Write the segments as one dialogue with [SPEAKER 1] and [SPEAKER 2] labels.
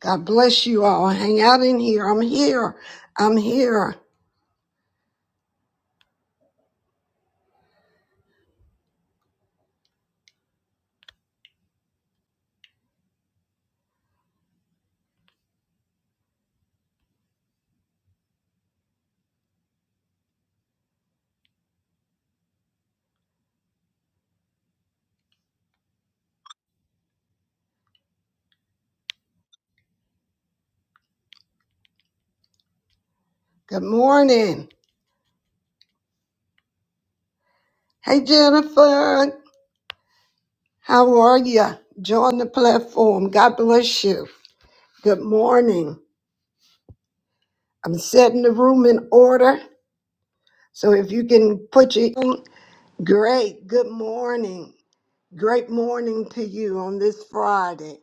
[SPEAKER 1] God bless you all. Hang out in here. I'm here. I'm here. Good morning. Hey, Jennifer. How are you? Join the platform. God bless you. Good morning. I'm setting the room in order. So if you can put your great good morning. Great morning to you on this Friday.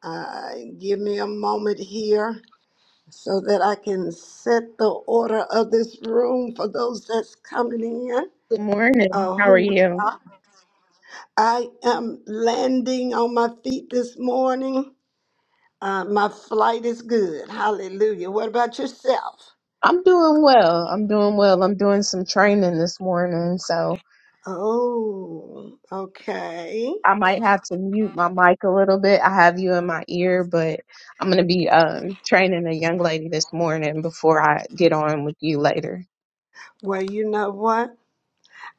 [SPEAKER 1] Uh, give me a moment here so that I can set the order of this room for those that's coming in.
[SPEAKER 2] Good morning.
[SPEAKER 1] uh,
[SPEAKER 2] How are
[SPEAKER 1] who
[SPEAKER 2] you?
[SPEAKER 1] I am landing on my feet this morning. Uh, my flight is good. Hallelujah. What about yourself?
[SPEAKER 2] I'm doing well. I'm doing well. I'm doing some training this morning, so
[SPEAKER 1] Oh, okay.
[SPEAKER 2] I might have to mute my mic a little bit. I have you in my ear, but I'm going to be um training a young lady this morning before I get on with you later.
[SPEAKER 1] Well, you know what?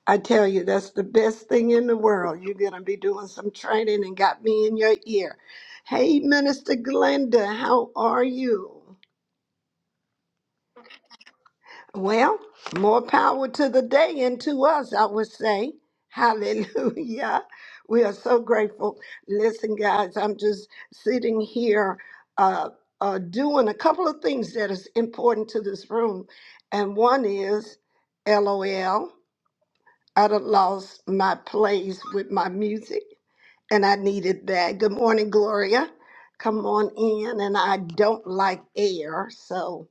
[SPEAKER 1] I tell you, that's the best thing in the world. You're going to be doing some training and got me in your ear. Hey, Minister Glenda, how are you? Well, more power to the day and to us, I would say. Hallelujah. We are so grateful. Listen, guys, I'm just sitting here uh, uh, doing a couple of things that is important to this room. And one is LOL. I done lost my place with my music and I needed that. Good morning, Gloria. Come on in. And I don't like air, so.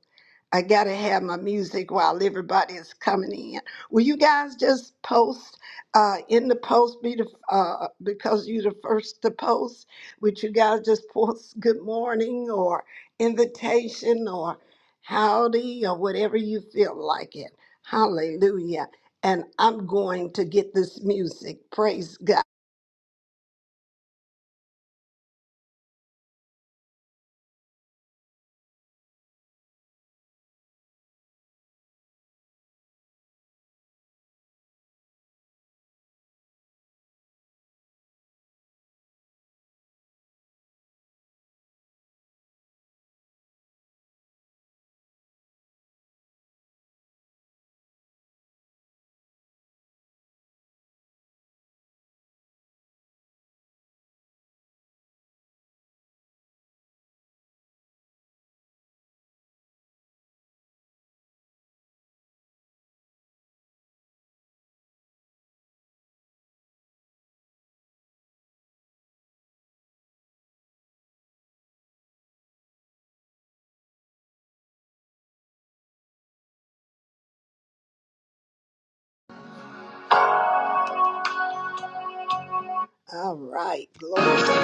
[SPEAKER 1] I gotta have my music while everybody is coming in. Will you guys just post uh, in the post? Be the uh, because you're the first to post. Would you guys just post good morning or invitation or howdy or whatever you feel like it? Hallelujah! And I'm going to get this music. Praise God. All right, glory.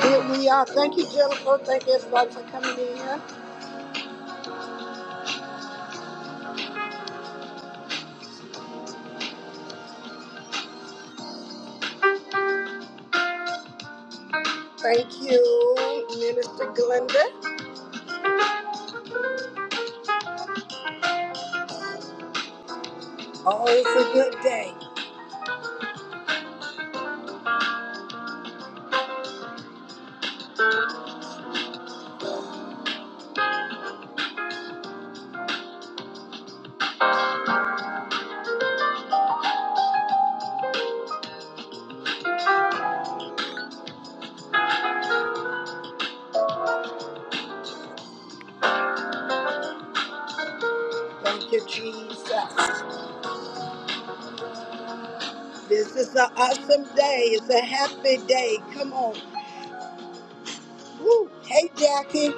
[SPEAKER 1] Here we are. Thank you, Jennifer. Thank you, everybody, for coming in. Thank you, Minister Glenda. Always a good day. Thank you, Jesus. This is an awesome day. It's a happy day. Come on. Woo. Hey, Jackie.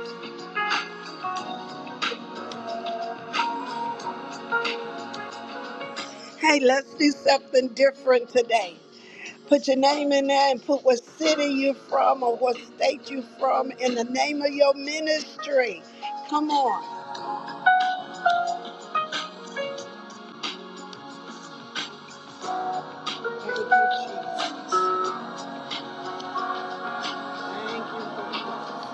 [SPEAKER 1] Hey, let's do something different today. Put your name in there and put what city you're from or what state you're from in the name of your ministry. Come on. Thank you, Jesus. Thank you, Lord.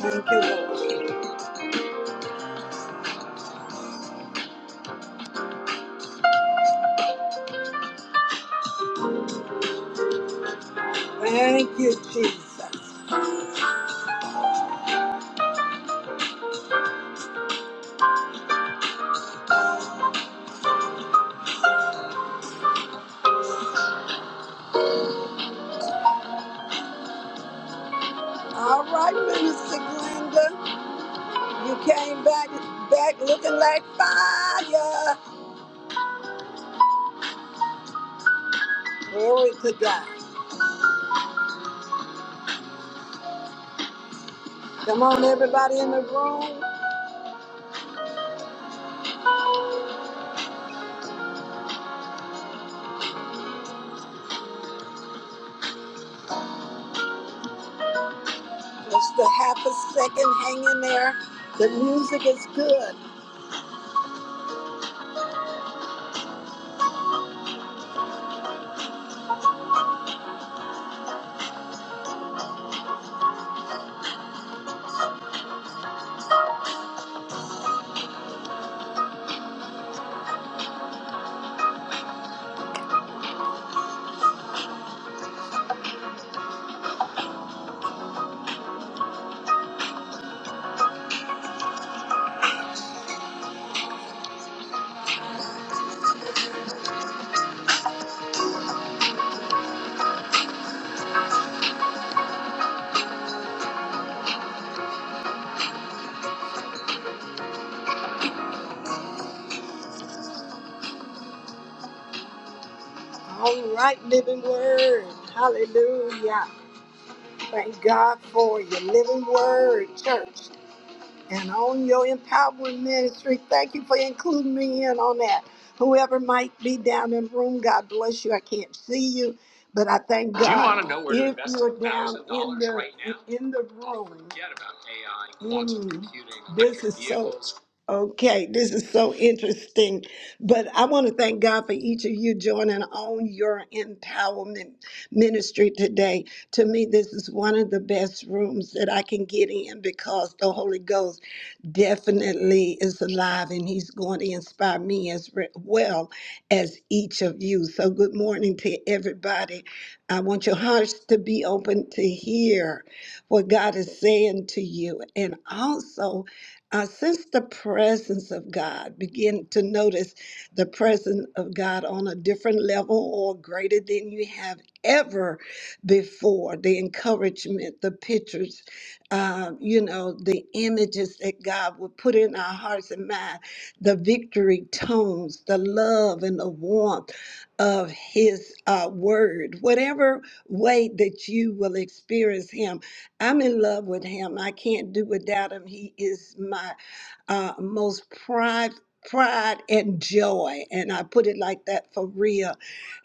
[SPEAKER 1] Thank you, Lord. Thank you, Jesus. All right, Minister Glenda. You came back back looking like fire. Glory to God. Come on, everybody in the room. Just a half a second, hang in there. The music is good. All right, living word. Hallelujah. Thank God for your living word, church. And on your empowerment ministry, thank you for including me in on that. Whoever might be down in the room, God bless you. I can't see you, but I thank you in the room. Okay, this is so interesting. But I want to thank God for each of you joining on your empowerment ministry today. To me, this is one of the best rooms that I can get in because the Holy Ghost definitely is alive and he's going to inspire me as re- well as each of you. So, good morning to everybody. I want your hearts to be open to hear what God is saying to you. And also, uh, sense the presence of God. Begin to notice the presence of God on a different level or greater than you have ever before. The encouragement, the pictures, uh, you know, the images that God would put in our hearts and mind, the victory tones, the love and the warmth of His uh, word, whatever way that you will experience Him. I'm in love with Him. I can't do without Him. He is my uh, most pride, pride and joy, and I put it like that for real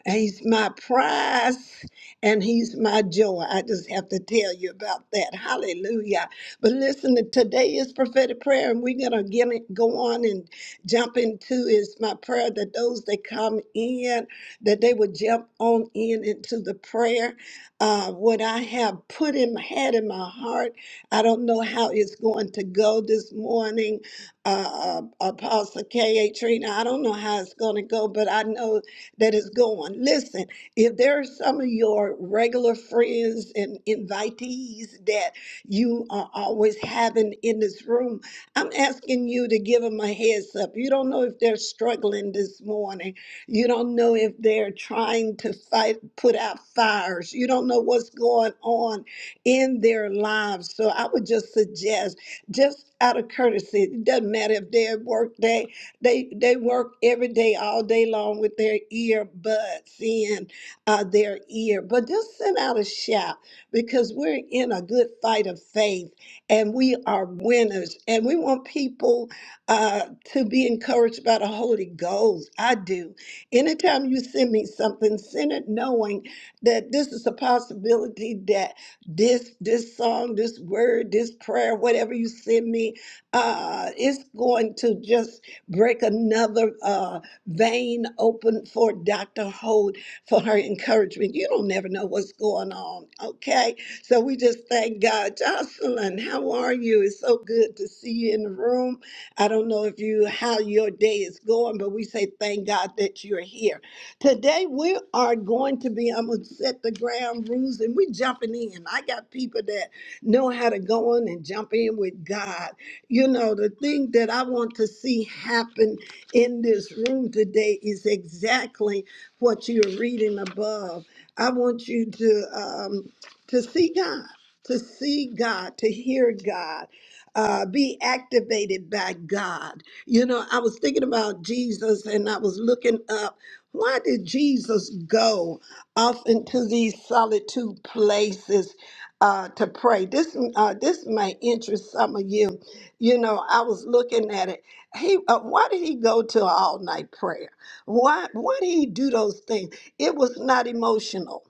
[SPEAKER 1] He's my prize and he's my joy. I just have to tell you about that. Hallelujah. But listen, today is prophetic prayer, and we're going to get it, go on and jump into is my prayer that those that come in, that they would jump on in into the prayer. Uh, what I have put in my head in my heart, I don't know how it's going to go this morning. Uh, uh, Apostle K.A. Trina, I don't know how it's going to go, but I know that is going. Listen, if there are some of your regular friends and invitees that you are always having in this room, I'm asking you to give them a heads up. You don't know if they're struggling this morning. You don't know if they're trying to fight, put out fires. You don't know what's going on in their lives. So I would just suggest, just out of courtesy, it doesn't matter if they're at work day, they they work every day, all day long with their earbuds in uh, their ear. But just send out a shout because we're in a good fight of faith and we are winners. And we want people uh, to be encouraged by the Holy Ghost. I do. Anytime you send me something, send it knowing that this is a possibility that this this song, this word, this prayer, whatever you send me, uh, it's going to just Break another uh, vein open for Dr. Holt for her encouragement. You don't never know what's going on, okay? So we just thank God. Jocelyn, how are you? It's so good to see you in the room. I don't know if you how your day is going, but we say thank God that you're here. Today we are going to be, I'm gonna set the ground rules and we're jumping in. I got people that know how to go on and jump in with God. You know, the thing that I want to see happen in this room today is exactly what you're reading above. I want you to um, to see God, to see God, to hear God, uh, be activated by God. You know, I was thinking about Jesus, and I was looking up. Why did Jesus go off into these solitude places uh, to pray? This uh, this may interest some of you you know, I was looking at it. He, uh, why did he go to all night prayer? Why, why did he do those things? It was not emotional.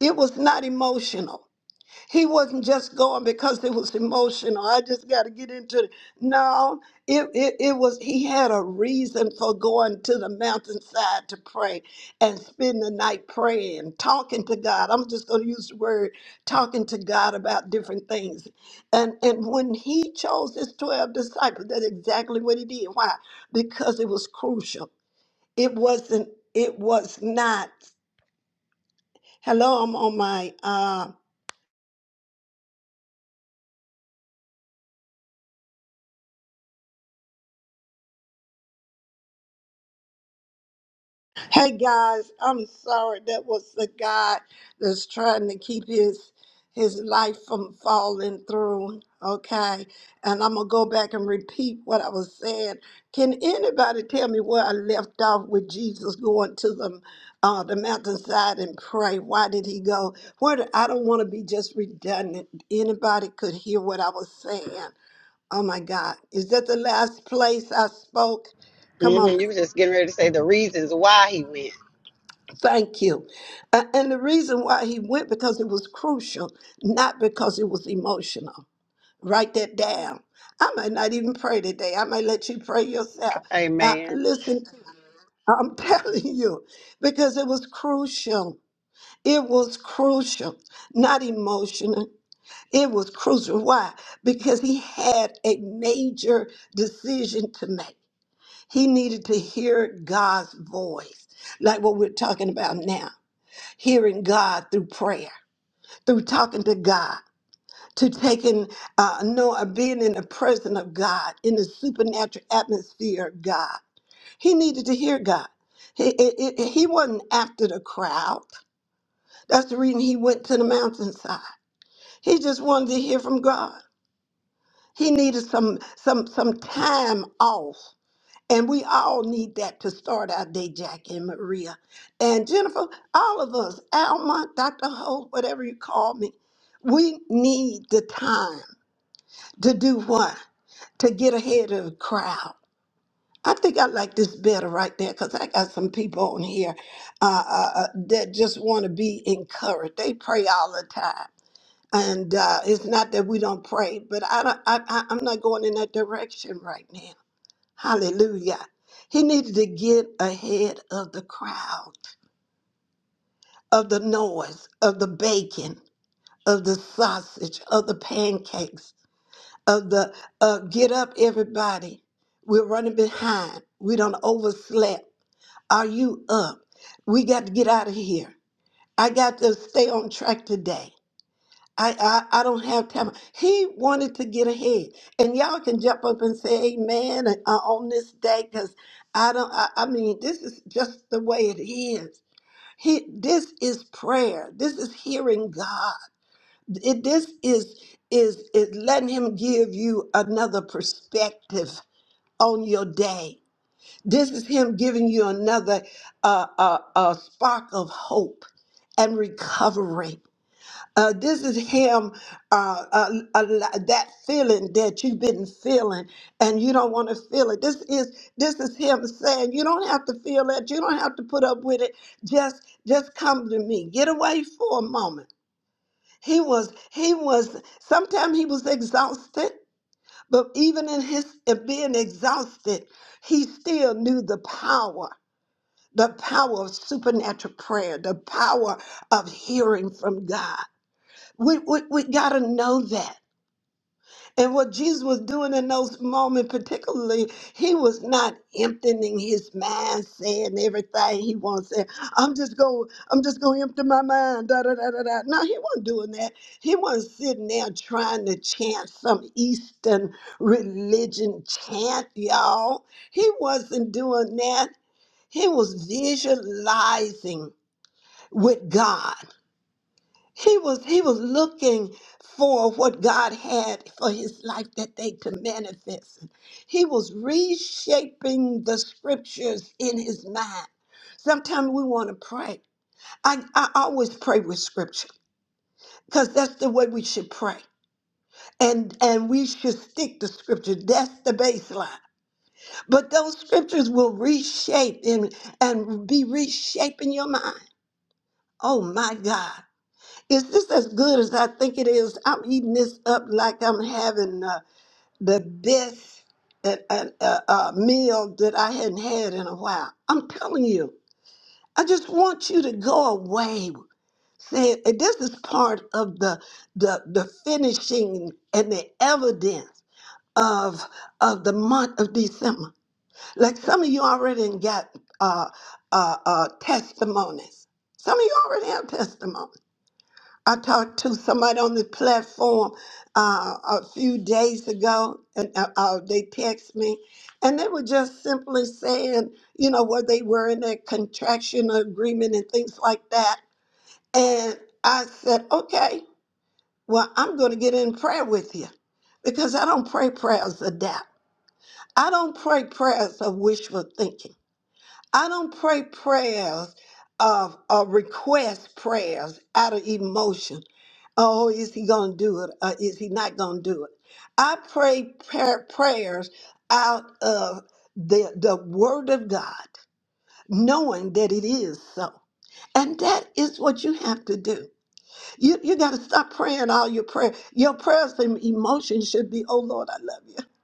[SPEAKER 1] It was not emotional. He wasn't just going because it was emotional. I just got to get into it. No, it, it, it was, he had a reason for going to the mountainside to pray and spend the night praying, talking to God. I'm just going to use the word talking to God about different things. And, and when he chose his 12 disciples, that's exactly what he did. Why? Because it was crucial. It wasn't, it was not. Hello, I'm on my, um, Hey guys, I'm sorry. That was the guy that's trying to keep his his life from falling through. Okay, and I'm gonna go back and repeat what I was saying. Can anybody tell me where I left off with Jesus going to the uh, the mountainside and pray? Why did he go? Where did, I don't want to be just redundant. Anybody could hear what I was saying. Oh my God, is that the last place I spoke?
[SPEAKER 3] hmm
[SPEAKER 1] Come on.
[SPEAKER 3] You was just getting ready to say the reasons why he went.
[SPEAKER 1] Thank you. A- And the reason why he went because it was crucial, not because it was emotional. Write that down. I might not even pray today. I might let you pray yourself. Uh,
[SPEAKER 3] Amen.
[SPEAKER 1] listen, I'm telling you, because it was crucial. It was crucial, not emotional. It was crucial. Why? Because he had a major decision to make. He needed to hear God's voice, like what we're talking about now hearing God through prayer, through talking to God, to taking, uh, no, uh, being in the presence of God, in the supernatural atmosphere of God. He needed to hear God. He, it, it, he wasn't after the crowd. That's the reason he went to the mountainside. He just wanted to hear from God. He needed some some some time off And we all need that to start our day, Jackie and Maria. And Jennifer, all of us, Alma, Dr. Holt, whatever you call me, we need the time to do what? To get ahead of the crowd. I think I like this better right there because I got some people on here uh, uh, uh, that just want to be encouraged. They pray all the time. And uh, it's not that we don't pray, but I don't, I, I, I'm not going in that direction right now. Hallelujah. He needed to get ahead of the crowd, of the noise, of the bacon, of the sausage, of the pancakes, of the uh, get up, everybody. We're running behind. We don't overslept. Are you up? We got to get out of here. I got to stay on track today. I, I, I don't have time. He wanted to get ahead. And y'all can jump up and say amen uh, on this day because I don't, I, I mean, this is just the way it is. He, this is prayer. This is hearing God. It, this is, is, is letting Him give you another perspective on your day. This is Him giving you another uh, uh, uh, spark of hope and recovery. Uh, this is him, uh, uh, uh, that feeling that you've been feeling and you don't want to feel it. This is this is him saying you don't have to feel that. You don't have to put up with it. Just just come to me. Get away for a moment. He was he was sometimes he was exhausted, but even in his in being exhausted, he still knew the power, the power of supernatural prayer, the power of hearing from God. We, we, we got to know that. And what Jesus was doing in those moments, particularly, he was not emptying his mind, saying everything he wants. Saying, I'm just going, I'm just going to empty my mind. Da, da, da, da, da. No, he wasn't doing that. He wasn't sitting there trying to chant some Eastern religion chant, y'all. He wasn't doing that. He was visualizing with God. He was he was looking for what God had for his life that they could manifest. He was reshaping the scriptures in his mind. Sometimes we want to pray. I, I always pray with scripture because that's the way we should pray. And and we should stick to scripture. That's the baseline. But those scriptures will reshape and, and be reshaping your mind. Oh my God. Is this as good as I think it is? I'm eating this up like I'm having uh, the best uh, uh, uh, uh, meal that I hadn't had in a while. I'm telling you, I just want you to go away. Saying and this is part of the the the finishing and the evidence of of the month of December. Like some of you already got uh, uh, uh, testimonies. Some of you already have testimonies. I talked to somebody on the platform uh, a few days ago, and uh, uh, they text me, and they were just simply saying, you know, where they were in that contraction agreement and things like that. And I said, okay, well, I'm going to get in prayer with you because I don't pray prayers of doubt. I don't pray prayers of wishful thinking. I don't pray prayers of, of request prayers out of emotion. Oh, is he going to do it? Or is he not going to do it? I pray prayer, prayers out of the, the Word of God, knowing that it is so. And that is what you have to do. You, you got to stop praying all your prayer. Your prayers and emotions should be, oh, Lord, I love you.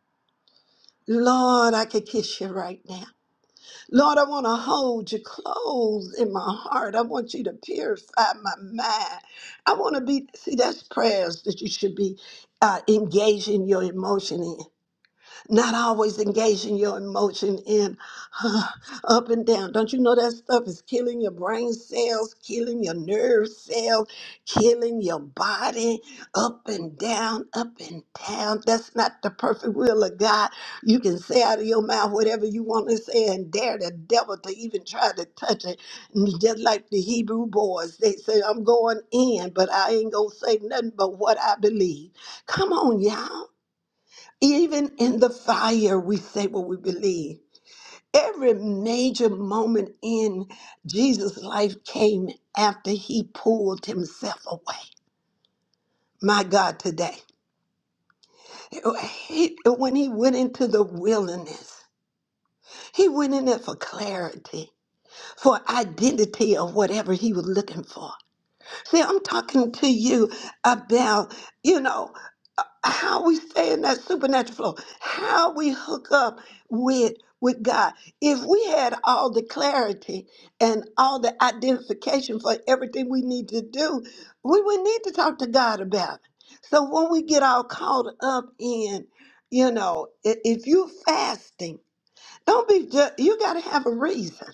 [SPEAKER 1] Lord, I could kiss you right now. Lord, I want to hold you close in my heart. I want you to purify my mind. I want to be, see, that's prayers that you should be uh, engaging your emotion in not always engaging your emotion in huh, up and down. Don't you know that stuff is killing your brain cells, killing your nerve cells, killing your body up and down, up and down? That's not the perfect will of God. You can say out of your mouth whatever you want to say and dare the devil to even try to touch it. And Just like the Hebrew boys, they say, I'm going in, but I ain't going to say nothing but what I believe. Come on, y'all. Even in the fire, we say what we believe. Every major moment in Jesus' life came after he pulled himself away. My God, today. He- when he went into the wilderness, he went in there for clarity, for identity of whatever he was looking for. See, I'm talking to you about, you know. how we stay in that supernatural flow, how we hook up with with God. If we had all the clarity and all the identification for everything we need to do, we would need to talk to God about it. So when we get all caught up in, you know, i- if you're fasting, don't be just, you got to have a reason.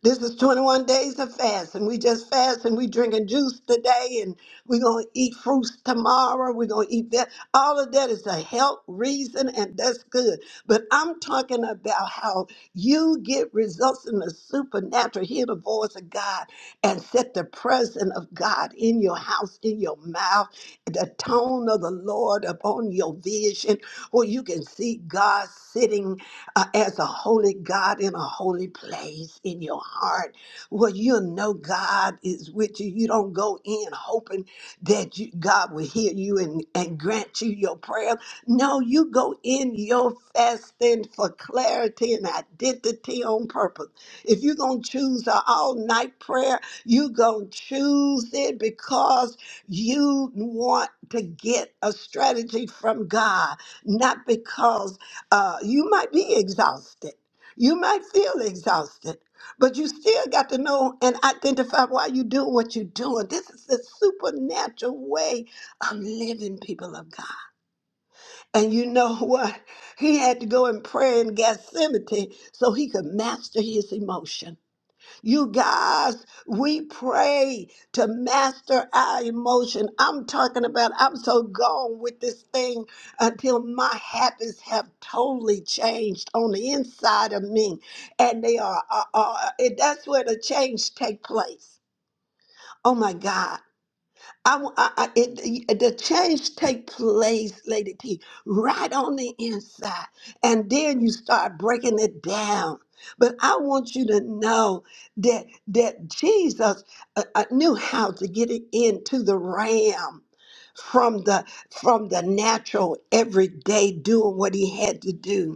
[SPEAKER 1] This is 21 days of fast, and we just fast and we drinking juice today, and we're gonna eat fruits tomorrow. We're gonna eat that. All of that is a health reason, and that's good. But I'm talking about how you get results in the supernatural, hear the voice of God, and set the presence of God in your house, in your mouth, the tone of the Lord upon your vision, where you can see God sitting uh, as a holy God in a holy place in your heart where you know God is with you. You don't go in hoping that you, God will hear you and, and grant you your prayer. No, you go in your fasting for clarity and identity on purpose. If you're going to choose an all night prayer, you're going to choose it because you want to get a strategy from God, not because uh, you might be exhausted. You might feel exhausted, but you still got to know and identify why you doing what you're doing. This is a supernatural way of living, people of God. And you know what? He had to go and pray in Gethsemane so he could master his emotions. You guys, we pray to master our emotion. I'm talking about, I'm so gone with this thing until my habits have totally changed on the inside of me. And they are, are, are- and that's where the change take place. Oh my God. I, w- I- I- it, it- the change take place, Lady T, right on the inside, and then you start breaking it down. But I want you to know that that Jesus uh, uh, knew how to get it into the realm from the from the natural everyday doing what he had to do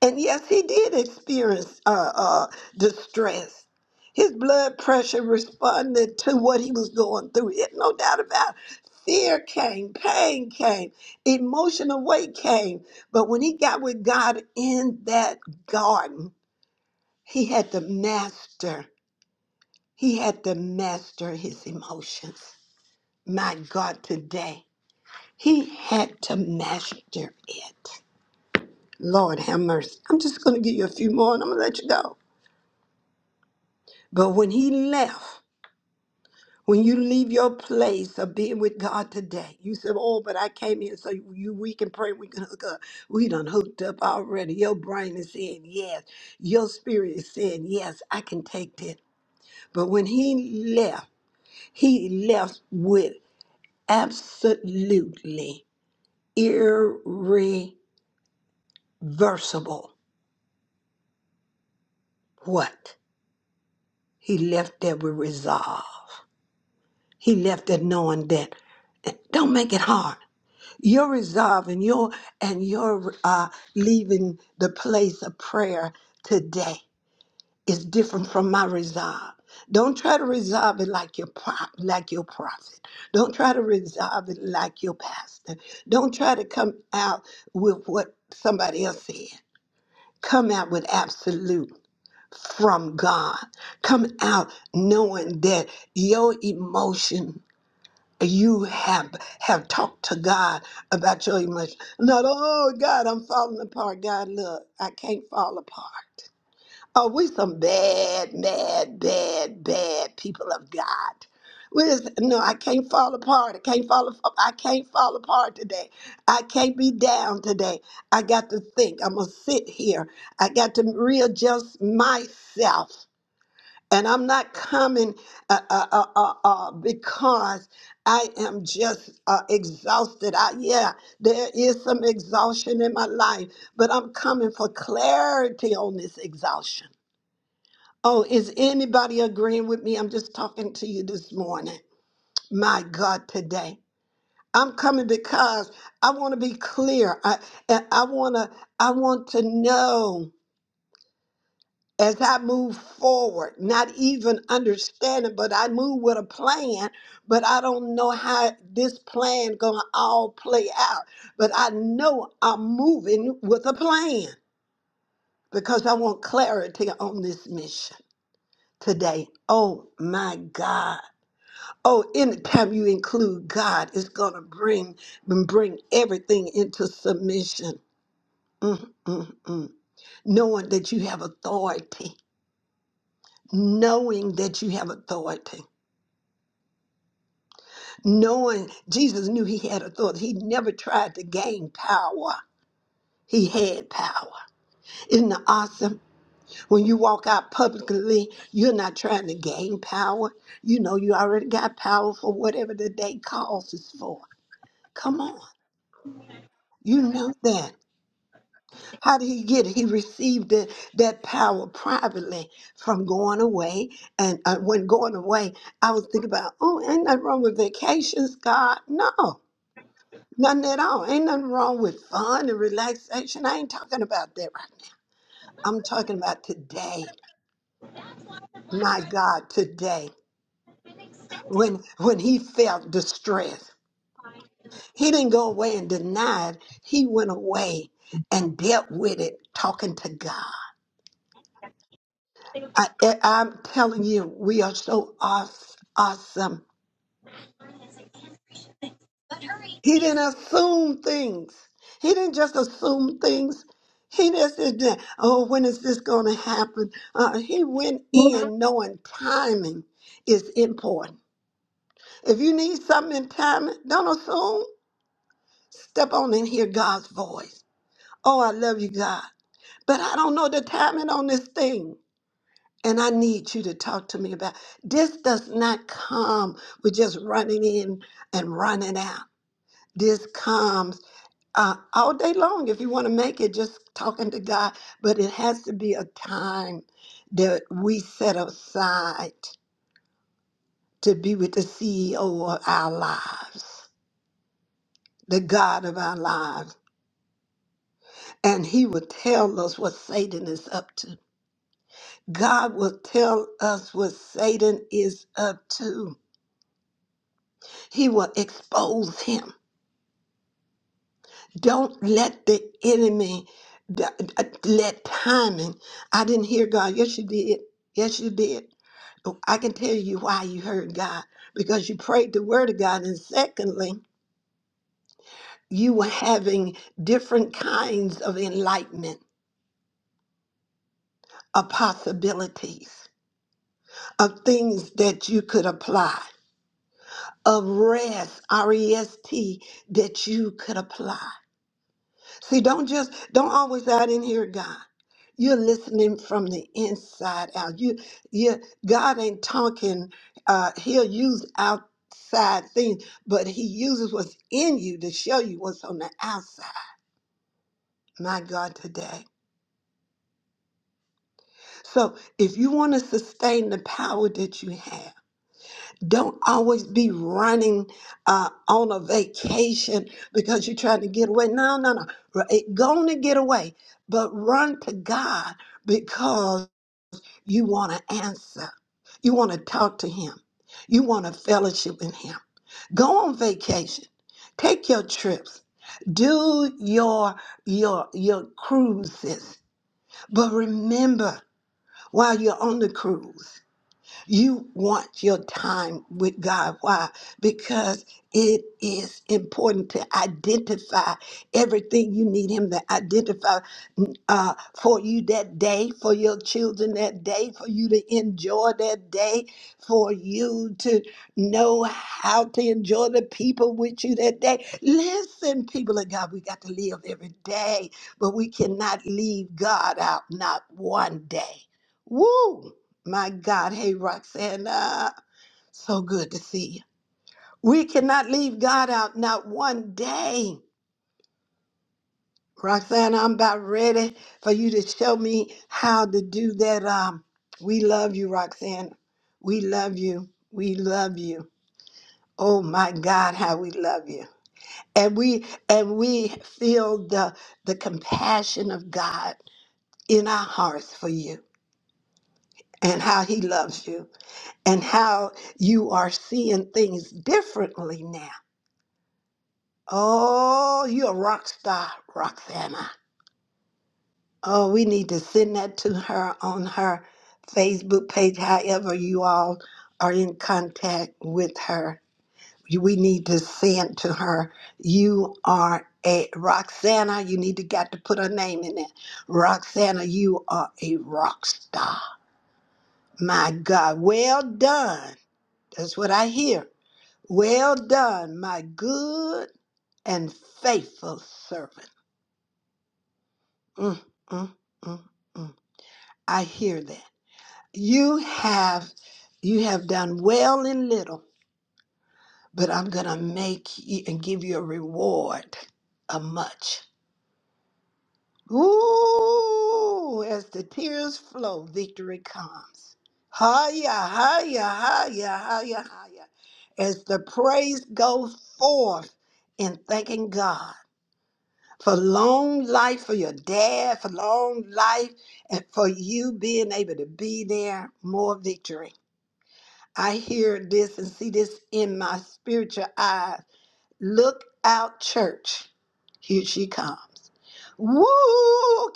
[SPEAKER 1] and yes, he did experience uh, uh, distress. His blood pressure responded to what he was going through. It, no doubt about it. Fear came, pain came, emotional weight came. But when he got with God in that garden, he had to master. He had to master his emotions. My God, today, he had to master it. Lord have mercy. I'm just going to give you a few more and I'm going to let you go. But when he left, when you leave your place of being with God today, you said, Oh, but I came here so you we can pray, we can hook up. We done hooked up already. Your brain is saying yes. Your spirit is saying, Yes, I can take this. But when he left, he left with absolutely irreversible what? He left there with resolve. He left there knowing that don't make it hard. Your resolve and your and your uh, leaving the place of prayer today is different from my resolve don't try to resolve it like your prop, like your prophet. Don't try to resolve it like your pastor. Don't try to come out with what somebody else said. Come out with absolute from God. Come out knowing that your emotion you have have talked to God about your emotions. Not, oh God, I'm falling apart. God, look, I can't fall apart. Oh, we some bad, mad, bad, bad people of God. We just, no, I can't fall apart. I can't fall. ap- I can't fall apart today. I can't be down today. I got to think. I'm gonna sit here. I got to readjust myself. And I'm not coming uh, uh, uh, uh, uh, because I am just uh, exhausted. I, yeah, there is some exhaustion in my life, but I'm coming for clarity on this exhaustion. Oh, is anybody agreeing with me? I'm just talking to you this morning. My God, today. I'm coming because I want to be clear. I, I want to I want to know. as I move forward, not even understanding, but I move with a plan, but I don't know how this plan gonna all play out. But I know I'm moving with a plan because I want clarity on this mission today. Oh my God. Oh, anytime you include God, it's gonna bring bring everything into submission. Mm, mm, mm. Knowing that you have authority. Knowing that you have authority Knowing Jesus knew he had authority, he never tried to gain power. He had power. Isn't it awesome? When you walk out publicly, you're not trying to gain power. You know you already got power for whatever the day calls is for. Come on. You know that. How did he get it? He received it, that power privately from going away. And uh, when going away, I was thinking about, oh, ain't nothing wrong with vacations, God. No. Nothing at all. Ain't nothing wrong with fun and relaxation. I ain't talking about that right now. I'm talking about today. My God, today. When when he felt distress. He didn't go away and deny it. He went away and dealt with it talking to God. I, I- I'm telling you, we are so awes- awesome. He didn't assume things. He didn't just assume things. He just didn't, oh, when is this going to happen? Uh, he went in knowing timing is important. If you need something in timing, don't assume. Step on and hear God's voice. Oh, I love you, God, but I don't know the timing on this thing. And I need you to talk to me about this. Does not come with just running in and running out. This comes. uh, all day long if you want to make it just talking to God. But it has to be a time that we set aside to be with the CEO of our lives, the God of our lives. And He will tell us what Satan is up to. God will tell us what Satan is up to. He will expose him. Don't let the enemy d- d- let timing. I didn't hear God. Yes, you did. Yes, you did. Oh, I can tell you why you heard God because you prayed the word of God. And secondly, you were having different kinds of enlightenment, of possibilities, of things that you could apply, of rest, R E S T, that you could apply. See, don't just don't always out in here, God. You're listening from the inside out. You, you, God ain't talking. Uh, he'll use outside things, but He uses what's in you to show you what's on the outside. My God, today. So, if you want to sustain the power that you have. Don't always be running uh, on a vacation because you're trying to get away. No, no, no. R- it- Go on and get away, but run to God because you want to answer. You want to talk to Him. You want to fellowship with Him. Go on vacation. Take your trips. Do your your your cruises. But remember, while you're on the cruise. You want your time with God. Why? Because it is important to identify everything you need Him to identify mm, uh, for you that day, for your children that day, for you to enjoy that day, for you to know how to enjoy the people with you that day. Listen, people of God, we got to live every day, but we cannot leave God out, not one day. Woo! My God, hey Roxana, so good to see you. We cannot leave God out, not one day. Roxana, I'm about ready for you to show me how to do that. Um, we love you, Roxana. We love you. We love you. Oh my God, how we love you. And we and we feel the the compassion of God in our hearts for you and how he loves you and how you are seeing things differently now Oh, you're a rock star, Roxana. Oh, we need to send that to her on her Facebook page, however, you all are in contact with her. You- We need to send to her, you are a Roxana. You need to got to put her name in there. Roxana, you are a rock star. My God, well done. That's what I hear. Well done, my good and faithful servant. Mm, mm, mm, mm. I hear that. You have you have done well in little, but I'm gonna make you and give you a reward of much. Ooh, as the tears flow, victory comes. Higher, higher, higher, higher, higher. As the praise goes forth in thanking God. for long life for your dad, for long life, and for you being able to be there, more victory. I hear this and see this in my spiritual eyes. Look out, church. Here she comes. Woo!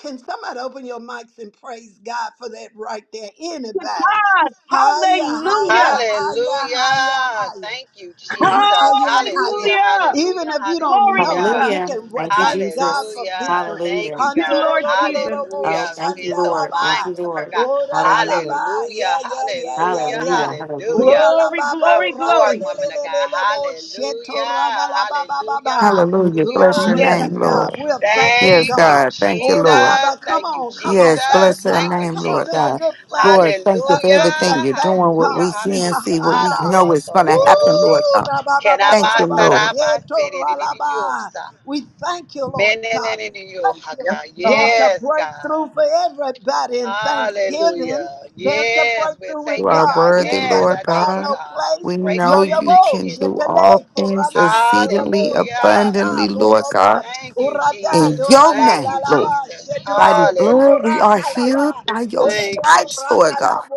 [SPEAKER 1] Can somebody open your mics and praise God for that right there?
[SPEAKER 4] to
[SPEAKER 1] Anybody?
[SPEAKER 4] God.
[SPEAKER 1] Higher,
[SPEAKER 4] Hallelujah.
[SPEAKER 1] higher, higher,
[SPEAKER 3] Hallelujah.
[SPEAKER 1] higher, higher.
[SPEAKER 3] Thank you, Jesus.
[SPEAKER 1] Higher, higher.
[SPEAKER 3] Hallelujah.
[SPEAKER 4] Hallelujah.
[SPEAKER 1] Even
[SPEAKER 3] Hallelujah.
[SPEAKER 1] if you don't
[SPEAKER 4] Glory
[SPEAKER 1] know
[SPEAKER 4] to
[SPEAKER 1] her,
[SPEAKER 3] Hallelujah.
[SPEAKER 4] God.
[SPEAKER 1] you
[SPEAKER 5] Hallelujah.
[SPEAKER 1] can wa-
[SPEAKER 5] Thank you,
[SPEAKER 1] thank God
[SPEAKER 5] Jesus.
[SPEAKER 1] for
[SPEAKER 3] Hallelujah.
[SPEAKER 1] victory.
[SPEAKER 3] Thank
[SPEAKER 5] Hallelujah.
[SPEAKER 3] you,
[SPEAKER 4] Dear
[SPEAKER 3] God.
[SPEAKER 4] Lord Jesus.
[SPEAKER 1] Handororororobo
[SPEAKER 5] Oh,
[SPEAKER 3] Hallelujah. For
[SPEAKER 5] thank
[SPEAKER 3] being
[SPEAKER 5] you,
[SPEAKER 3] so
[SPEAKER 5] Lord. Thank
[SPEAKER 1] shandalaba.
[SPEAKER 5] you,
[SPEAKER 3] mindful of her,
[SPEAKER 5] Lord.
[SPEAKER 3] God.
[SPEAKER 5] Hallelujah.
[SPEAKER 1] Oralalaba. Yeah,
[SPEAKER 3] Hallelujah.
[SPEAKER 1] yeah, yeah, yeah,
[SPEAKER 3] Hallelujah.
[SPEAKER 1] yeah.
[SPEAKER 5] Hallelujah. Hallelujah.
[SPEAKER 3] Hallelujah.
[SPEAKER 4] Glory,
[SPEAKER 3] Come
[SPEAKER 1] Oralababo
[SPEAKER 4] glory,
[SPEAKER 3] forth,
[SPEAKER 4] glory.
[SPEAKER 3] woman of God.
[SPEAKER 1] ratelelelelelebo
[SPEAKER 3] Hallelujah. Hallelujah.
[SPEAKER 1] shetoradalabababa.
[SPEAKER 6] Hallelujah.
[SPEAKER 3] Hallelujah.
[SPEAKER 6] Bless your
[SPEAKER 1] Glory
[SPEAKER 4] Yes,
[SPEAKER 1] to
[SPEAKER 6] name,
[SPEAKER 3] Hallelujah.
[SPEAKER 4] God.
[SPEAKER 1] God.
[SPEAKER 6] Lord.
[SPEAKER 1] We're thanking
[SPEAKER 6] Yes,
[SPEAKER 3] Thank you,
[SPEAKER 1] God.
[SPEAKER 6] God. Thank you, Lord.
[SPEAKER 1] Oralaba.
[SPEAKER 3] Jesus.
[SPEAKER 1] Come
[SPEAKER 3] Thank you,
[SPEAKER 1] on, come on.
[SPEAKER 6] Yes,
[SPEAKER 3] Jesus.
[SPEAKER 1] Thank
[SPEAKER 6] bless your
[SPEAKER 3] Thank
[SPEAKER 1] God.
[SPEAKER 3] you,
[SPEAKER 6] name,
[SPEAKER 1] Come on.
[SPEAKER 6] Lord
[SPEAKER 1] This is a
[SPEAKER 3] Jesus.
[SPEAKER 6] God.
[SPEAKER 1] good place
[SPEAKER 6] Lord, thank
[SPEAKER 1] uh,
[SPEAKER 6] you for
[SPEAKER 3] Hallelujah.
[SPEAKER 1] just to
[SPEAKER 6] everything you're doing,
[SPEAKER 1] thank
[SPEAKER 6] what
[SPEAKER 3] Hallelujah.
[SPEAKER 6] we
[SPEAKER 1] God.
[SPEAKER 6] see
[SPEAKER 1] Yeah.
[SPEAKER 6] and
[SPEAKER 3] Hallelujah.
[SPEAKER 6] see, what we know is going to happen, Lord
[SPEAKER 3] Arabasoroboshi.
[SPEAKER 1] Ooh,
[SPEAKER 6] God. Thank you,
[SPEAKER 1] rabababababa,
[SPEAKER 6] Lord.
[SPEAKER 1] sheto ralaba.
[SPEAKER 3] Kenamasarabasiriririyosa.
[SPEAKER 1] We thank you, Lord God. We thank you.
[SPEAKER 4] Yes,
[SPEAKER 3] Meneneneniohaka.
[SPEAKER 1] There's
[SPEAKER 4] God.
[SPEAKER 1] a
[SPEAKER 3] Yes, God.
[SPEAKER 1] breakthrough for everybody in Thanksgiving.
[SPEAKER 3] Hallelujah.
[SPEAKER 1] There's a
[SPEAKER 3] Yes, we
[SPEAKER 1] breakthrough
[SPEAKER 6] You
[SPEAKER 3] take
[SPEAKER 1] with
[SPEAKER 3] it,
[SPEAKER 6] are
[SPEAKER 1] God.
[SPEAKER 3] God.
[SPEAKER 1] You
[SPEAKER 6] worthy,
[SPEAKER 1] ain't got
[SPEAKER 3] Yes,
[SPEAKER 1] to
[SPEAKER 6] Lord
[SPEAKER 3] I take
[SPEAKER 1] find
[SPEAKER 3] it,
[SPEAKER 1] no
[SPEAKER 6] God.
[SPEAKER 3] God.
[SPEAKER 1] place.
[SPEAKER 6] We know
[SPEAKER 1] Yo
[SPEAKER 3] Breakthrough in
[SPEAKER 1] yo
[SPEAKER 6] you
[SPEAKER 1] bo
[SPEAKER 6] can
[SPEAKER 3] thanksgiving.
[SPEAKER 6] do all
[SPEAKER 1] shetale
[SPEAKER 6] things
[SPEAKER 1] korana dorabo
[SPEAKER 6] exceedingly
[SPEAKER 3] Hallelujah.
[SPEAKER 6] abundantly,
[SPEAKER 1] shatala
[SPEAKER 6] Lord God.
[SPEAKER 1] borodo
[SPEAKER 3] Thank you,
[SPEAKER 1] urada
[SPEAKER 6] In
[SPEAKER 3] Jesus.
[SPEAKER 6] your
[SPEAKER 1] dorada
[SPEAKER 3] Thank
[SPEAKER 6] name,
[SPEAKER 3] you,
[SPEAKER 6] Lord.
[SPEAKER 1] lalaba
[SPEAKER 3] Jesus.
[SPEAKER 6] By
[SPEAKER 1] shetolo
[SPEAKER 6] the blood, we
[SPEAKER 3] Hallelujah.
[SPEAKER 6] are
[SPEAKER 1] bokorata
[SPEAKER 6] healed
[SPEAKER 1] laba.
[SPEAKER 6] by your
[SPEAKER 3] Thank you. Je-
[SPEAKER 6] stripes, Lord God.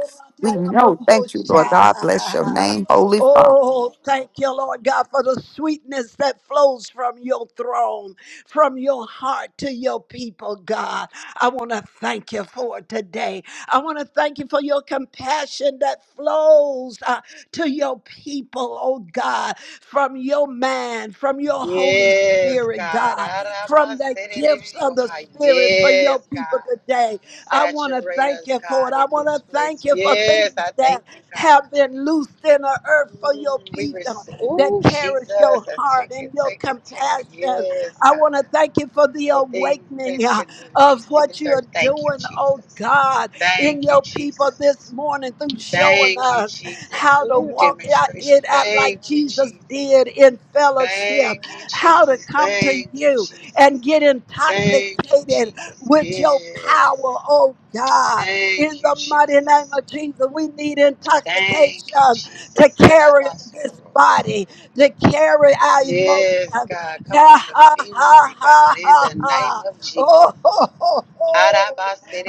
[SPEAKER 6] We know. Thank you, Lord God. Bless your name, Holy Father.
[SPEAKER 1] Oh, thank you, Lord God, for the sweetness that flows from your throne, from your heart to your people, God. I want to thank you for it today. I want to thank you for your compassion that flows uh, to your people people, oh God, from your man, from your Holy
[SPEAKER 3] Yes,
[SPEAKER 1] Spirit,
[SPEAKER 3] God.
[SPEAKER 1] God, from the gifts of the
[SPEAKER 3] Arabasenenenioha.
[SPEAKER 1] Spirit for your
[SPEAKER 3] Yes,
[SPEAKER 1] people
[SPEAKER 3] God.
[SPEAKER 1] today. I want to
[SPEAKER 3] Saturate
[SPEAKER 1] thank
[SPEAKER 3] us,
[SPEAKER 1] you for it.
[SPEAKER 3] God,
[SPEAKER 1] I
[SPEAKER 3] in
[SPEAKER 1] want to
[SPEAKER 3] this place.
[SPEAKER 1] thank you for
[SPEAKER 3] Yes,
[SPEAKER 1] things
[SPEAKER 3] I
[SPEAKER 1] that
[SPEAKER 3] thank you, God.
[SPEAKER 1] have been loosed in the earth for your
[SPEAKER 3] Mm, we
[SPEAKER 1] people
[SPEAKER 3] receive.
[SPEAKER 1] that
[SPEAKER 3] Oh, Jesus,
[SPEAKER 1] carries your
[SPEAKER 3] I
[SPEAKER 1] heart
[SPEAKER 3] take
[SPEAKER 1] and
[SPEAKER 3] it,
[SPEAKER 1] your
[SPEAKER 3] take it, take it.
[SPEAKER 1] compassion.
[SPEAKER 3] Yes,
[SPEAKER 1] I want
[SPEAKER 3] God.
[SPEAKER 1] want to thank you for the
[SPEAKER 3] The things
[SPEAKER 1] awakening
[SPEAKER 3] that's
[SPEAKER 1] uh,
[SPEAKER 3] been
[SPEAKER 1] of
[SPEAKER 3] released in
[SPEAKER 1] what
[SPEAKER 3] this
[SPEAKER 1] you're
[SPEAKER 3] earth. Thank you,
[SPEAKER 1] doing, oh
[SPEAKER 3] Jesus.
[SPEAKER 1] God, in
[SPEAKER 3] Thank you,
[SPEAKER 1] your people this
[SPEAKER 3] Jesus.
[SPEAKER 1] morning through showing
[SPEAKER 3] Thank you,
[SPEAKER 1] us
[SPEAKER 3] Jesus.
[SPEAKER 1] how to
[SPEAKER 3] Ooh,
[SPEAKER 1] walk out-
[SPEAKER 3] demonstration.
[SPEAKER 1] it out like
[SPEAKER 3] Thank you,
[SPEAKER 1] Jesus
[SPEAKER 3] Jesus.
[SPEAKER 1] did in fellowship,
[SPEAKER 3] Thank you,
[SPEAKER 1] how to
[SPEAKER 3] Jesus.
[SPEAKER 1] come to
[SPEAKER 3] Thank you,
[SPEAKER 1] you and
[SPEAKER 3] Jesus.
[SPEAKER 1] get
[SPEAKER 3] Thank you,
[SPEAKER 1] intoxicated
[SPEAKER 3] Jesus.
[SPEAKER 1] with your
[SPEAKER 3] Yes.
[SPEAKER 1] power, oh God. In
[SPEAKER 3] Thank you,
[SPEAKER 1] the mighty name
[SPEAKER 3] Jesus.
[SPEAKER 1] of Jesus, we need
[SPEAKER 3] Thank you,
[SPEAKER 1] intoxication to
[SPEAKER 3] Jesus. And I'm
[SPEAKER 1] carry this
[SPEAKER 3] also
[SPEAKER 1] body, to carry our
[SPEAKER 3] Yes,
[SPEAKER 1] emotions,
[SPEAKER 3] God. Come
[SPEAKER 1] La
[SPEAKER 3] on the
[SPEAKER 1] ha ha
[SPEAKER 3] family,
[SPEAKER 1] ha
[SPEAKER 3] God, in
[SPEAKER 1] ha
[SPEAKER 3] the name
[SPEAKER 1] ha.
[SPEAKER 3] of
[SPEAKER 1] Oh
[SPEAKER 3] Jesus.
[SPEAKER 1] ho ho ho.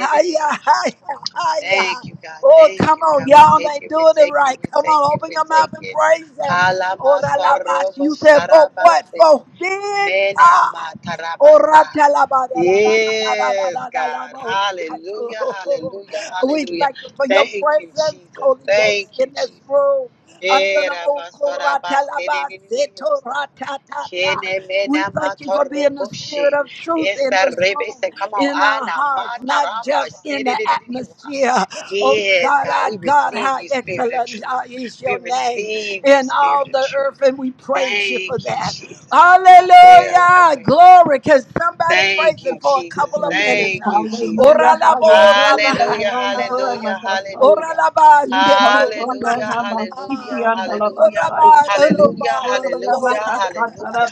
[SPEAKER 1] Hiya hiya hiya.
[SPEAKER 3] Thank you, God.
[SPEAKER 1] Oh,
[SPEAKER 3] Thank
[SPEAKER 1] come
[SPEAKER 3] you,
[SPEAKER 1] on,
[SPEAKER 3] God. We
[SPEAKER 1] y'all
[SPEAKER 3] take
[SPEAKER 1] ain't
[SPEAKER 3] it, we
[SPEAKER 1] doing it
[SPEAKER 3] take it,
[SPEAKER 1] right.
[SPEAKER 3] we
[SPEAKER 1] Come
[SPEAKER 3] take
[SPEAKER 1] on,
[SPEAKER 3] it,
[SPEAKER 1] open
[SPEAKER 3] we
[SPEAKER 1] your mouth
[SPEAKER 3] take
[SPEAKER 1] and
[SPEAKER 3] it.
[SPEAKER 1] praise Him. Oh, la You said for what?
[SPEAKER 3] Ha-la-ma-sa-ro-bo-sa-ra-ba-se.
[SPEAKER 1] For being God. Oh, ra
[SPEAKER 3] Mena-ma-ta-ra-ba-sa.
[SPEAKER 1] la la la la la la
[SPEAKER 3] Yes,
[SPEAKER 1] la la la
[SPEAKER 3] God.
[SPEAKER 1] mo
[SPEAKER 3] Hallelujah,
[SPEAKER 1] shato.
[SPEAKER 3] hallelujah,
[SPEAKER 1] We
[SPEAKER 3] hallelujah.
[SPEAKER 1] thank you for your
[SPEAKER 3] Thank you,
[SPEAKER 1] presence,
[SPEAKER 3] Jesus.
[SPEAKER 1] Holy Ghost,
[SPEAKER 3] Thank you,
[SPEAKER 1] in
[SPEAKER 3] Jesus.
[SPEAKER 1] this room. Under
[SPEAKER 3] Eh,
[SPEAKER 1] the mo ko
[SPEAKER 3] rabasa,
[SPEAKER 1] ra ta
[SPEAKER 3] rabasa,
[SPEAKER 1] la
[SPEAKER 3] ne, ne,
[SPEAKER 1] ba
[SPEAKER 3] ne, ne, ne, osa. Kene
[SPEAKER 1] we
[SPEAKER 3] mena
[SPEAKER 1] thank you for being the spirit
[SPEAKER 3] matoroboshe.
[SPEAKER 1] of truth in
[SPEAKER 3] Esa
[SPEAKER 1] this room,
[SPEAKER 3] rebese. Come on.
[SPEAKER 1] in our
[SPEAKER 3] Ana
[SPEAKER 1] hearts, not
[SPEAKER 3] mataraba,
[SPEAKER 1] just
[SPEAKER 3] se,
[SPEAKER 1] in the
[SPEAKER 3] ne, ne, ne, ne, ne, oha.
[SPEAKER 1] atmosphere. Oh
[SPEAKER 3] Yes,
[SPEAKER 1] God,
[SPEAKER 3] God.
[SPEAKER 1] our
[SPEAKER 3] We
[SPEAKER 1] God,
[SPEAKER 3] receive
[SPEAKER 1] how
[SPEAKER 3] you, Spirit of
[SPEAKER 1] excellent uh,
[SPEAKER 3] truth.
[SPEAKER 1] is
[SPEAKER 3] We
[SPEAKER 1] your name
[SPEAKER 3] receive you,
[SPEAKER 1] in all
[SPEAKER 3] Spirit of
[SPEAKER 1] the
[SPEAKER 3] truth.
[SPEAKER 1] earth, and we praise you for
[SPEAKER 3] Thank you,
[SPEAKER 1] that.
[SPEAKER 3] Jesus. I will, I will,
[SPEAKER 1] Hallelujah.
[SPEAKER 3] I will.
[SPEAKER 1] Glory. Can somebody
[SPEAKER 3] Thank
[SPEAKER 1] praise him
[SPEAKER 3] you,
[SPEAKER 1] for a
[SPEAKER 3] Jesus.
[SPEAKER 1] couple of minutes?
[SPEAKER 3] Thank
[SPEAKER 1] uh?
[SPEAKER 3] you, Jesus.
[SPEAKER 4] Hallelujah.
[SPEAKER 1] Ora la bo ra
[SPEAKER 4] Hallelujah.
[SPEAKER 3] Hallelujah,
[SPEAKER 1] ba.
[SPEAKER 3] hallelujah,
[SPEAKER 4] Nanandaramatasaya.
[SPEAKER 1] Ora
[SPEAKER 3] hallelujah.
[SPEAKER 1] la ba she to ra ba.
[SPEAKER 3] Hallelujah, hallelujah,
[SPEAKER 1] Ora
[SPEAKER 3] hallelujah,
[SPEAKER 4] Ikokoyanamasikiandalabasaya.
[SPEAKER 1] ba ra ro
[SPEAKER 3] hallelujah,
[SPEAKER 1] ba da da bo
[SPEAKER 3] hallelujah, hallelujah.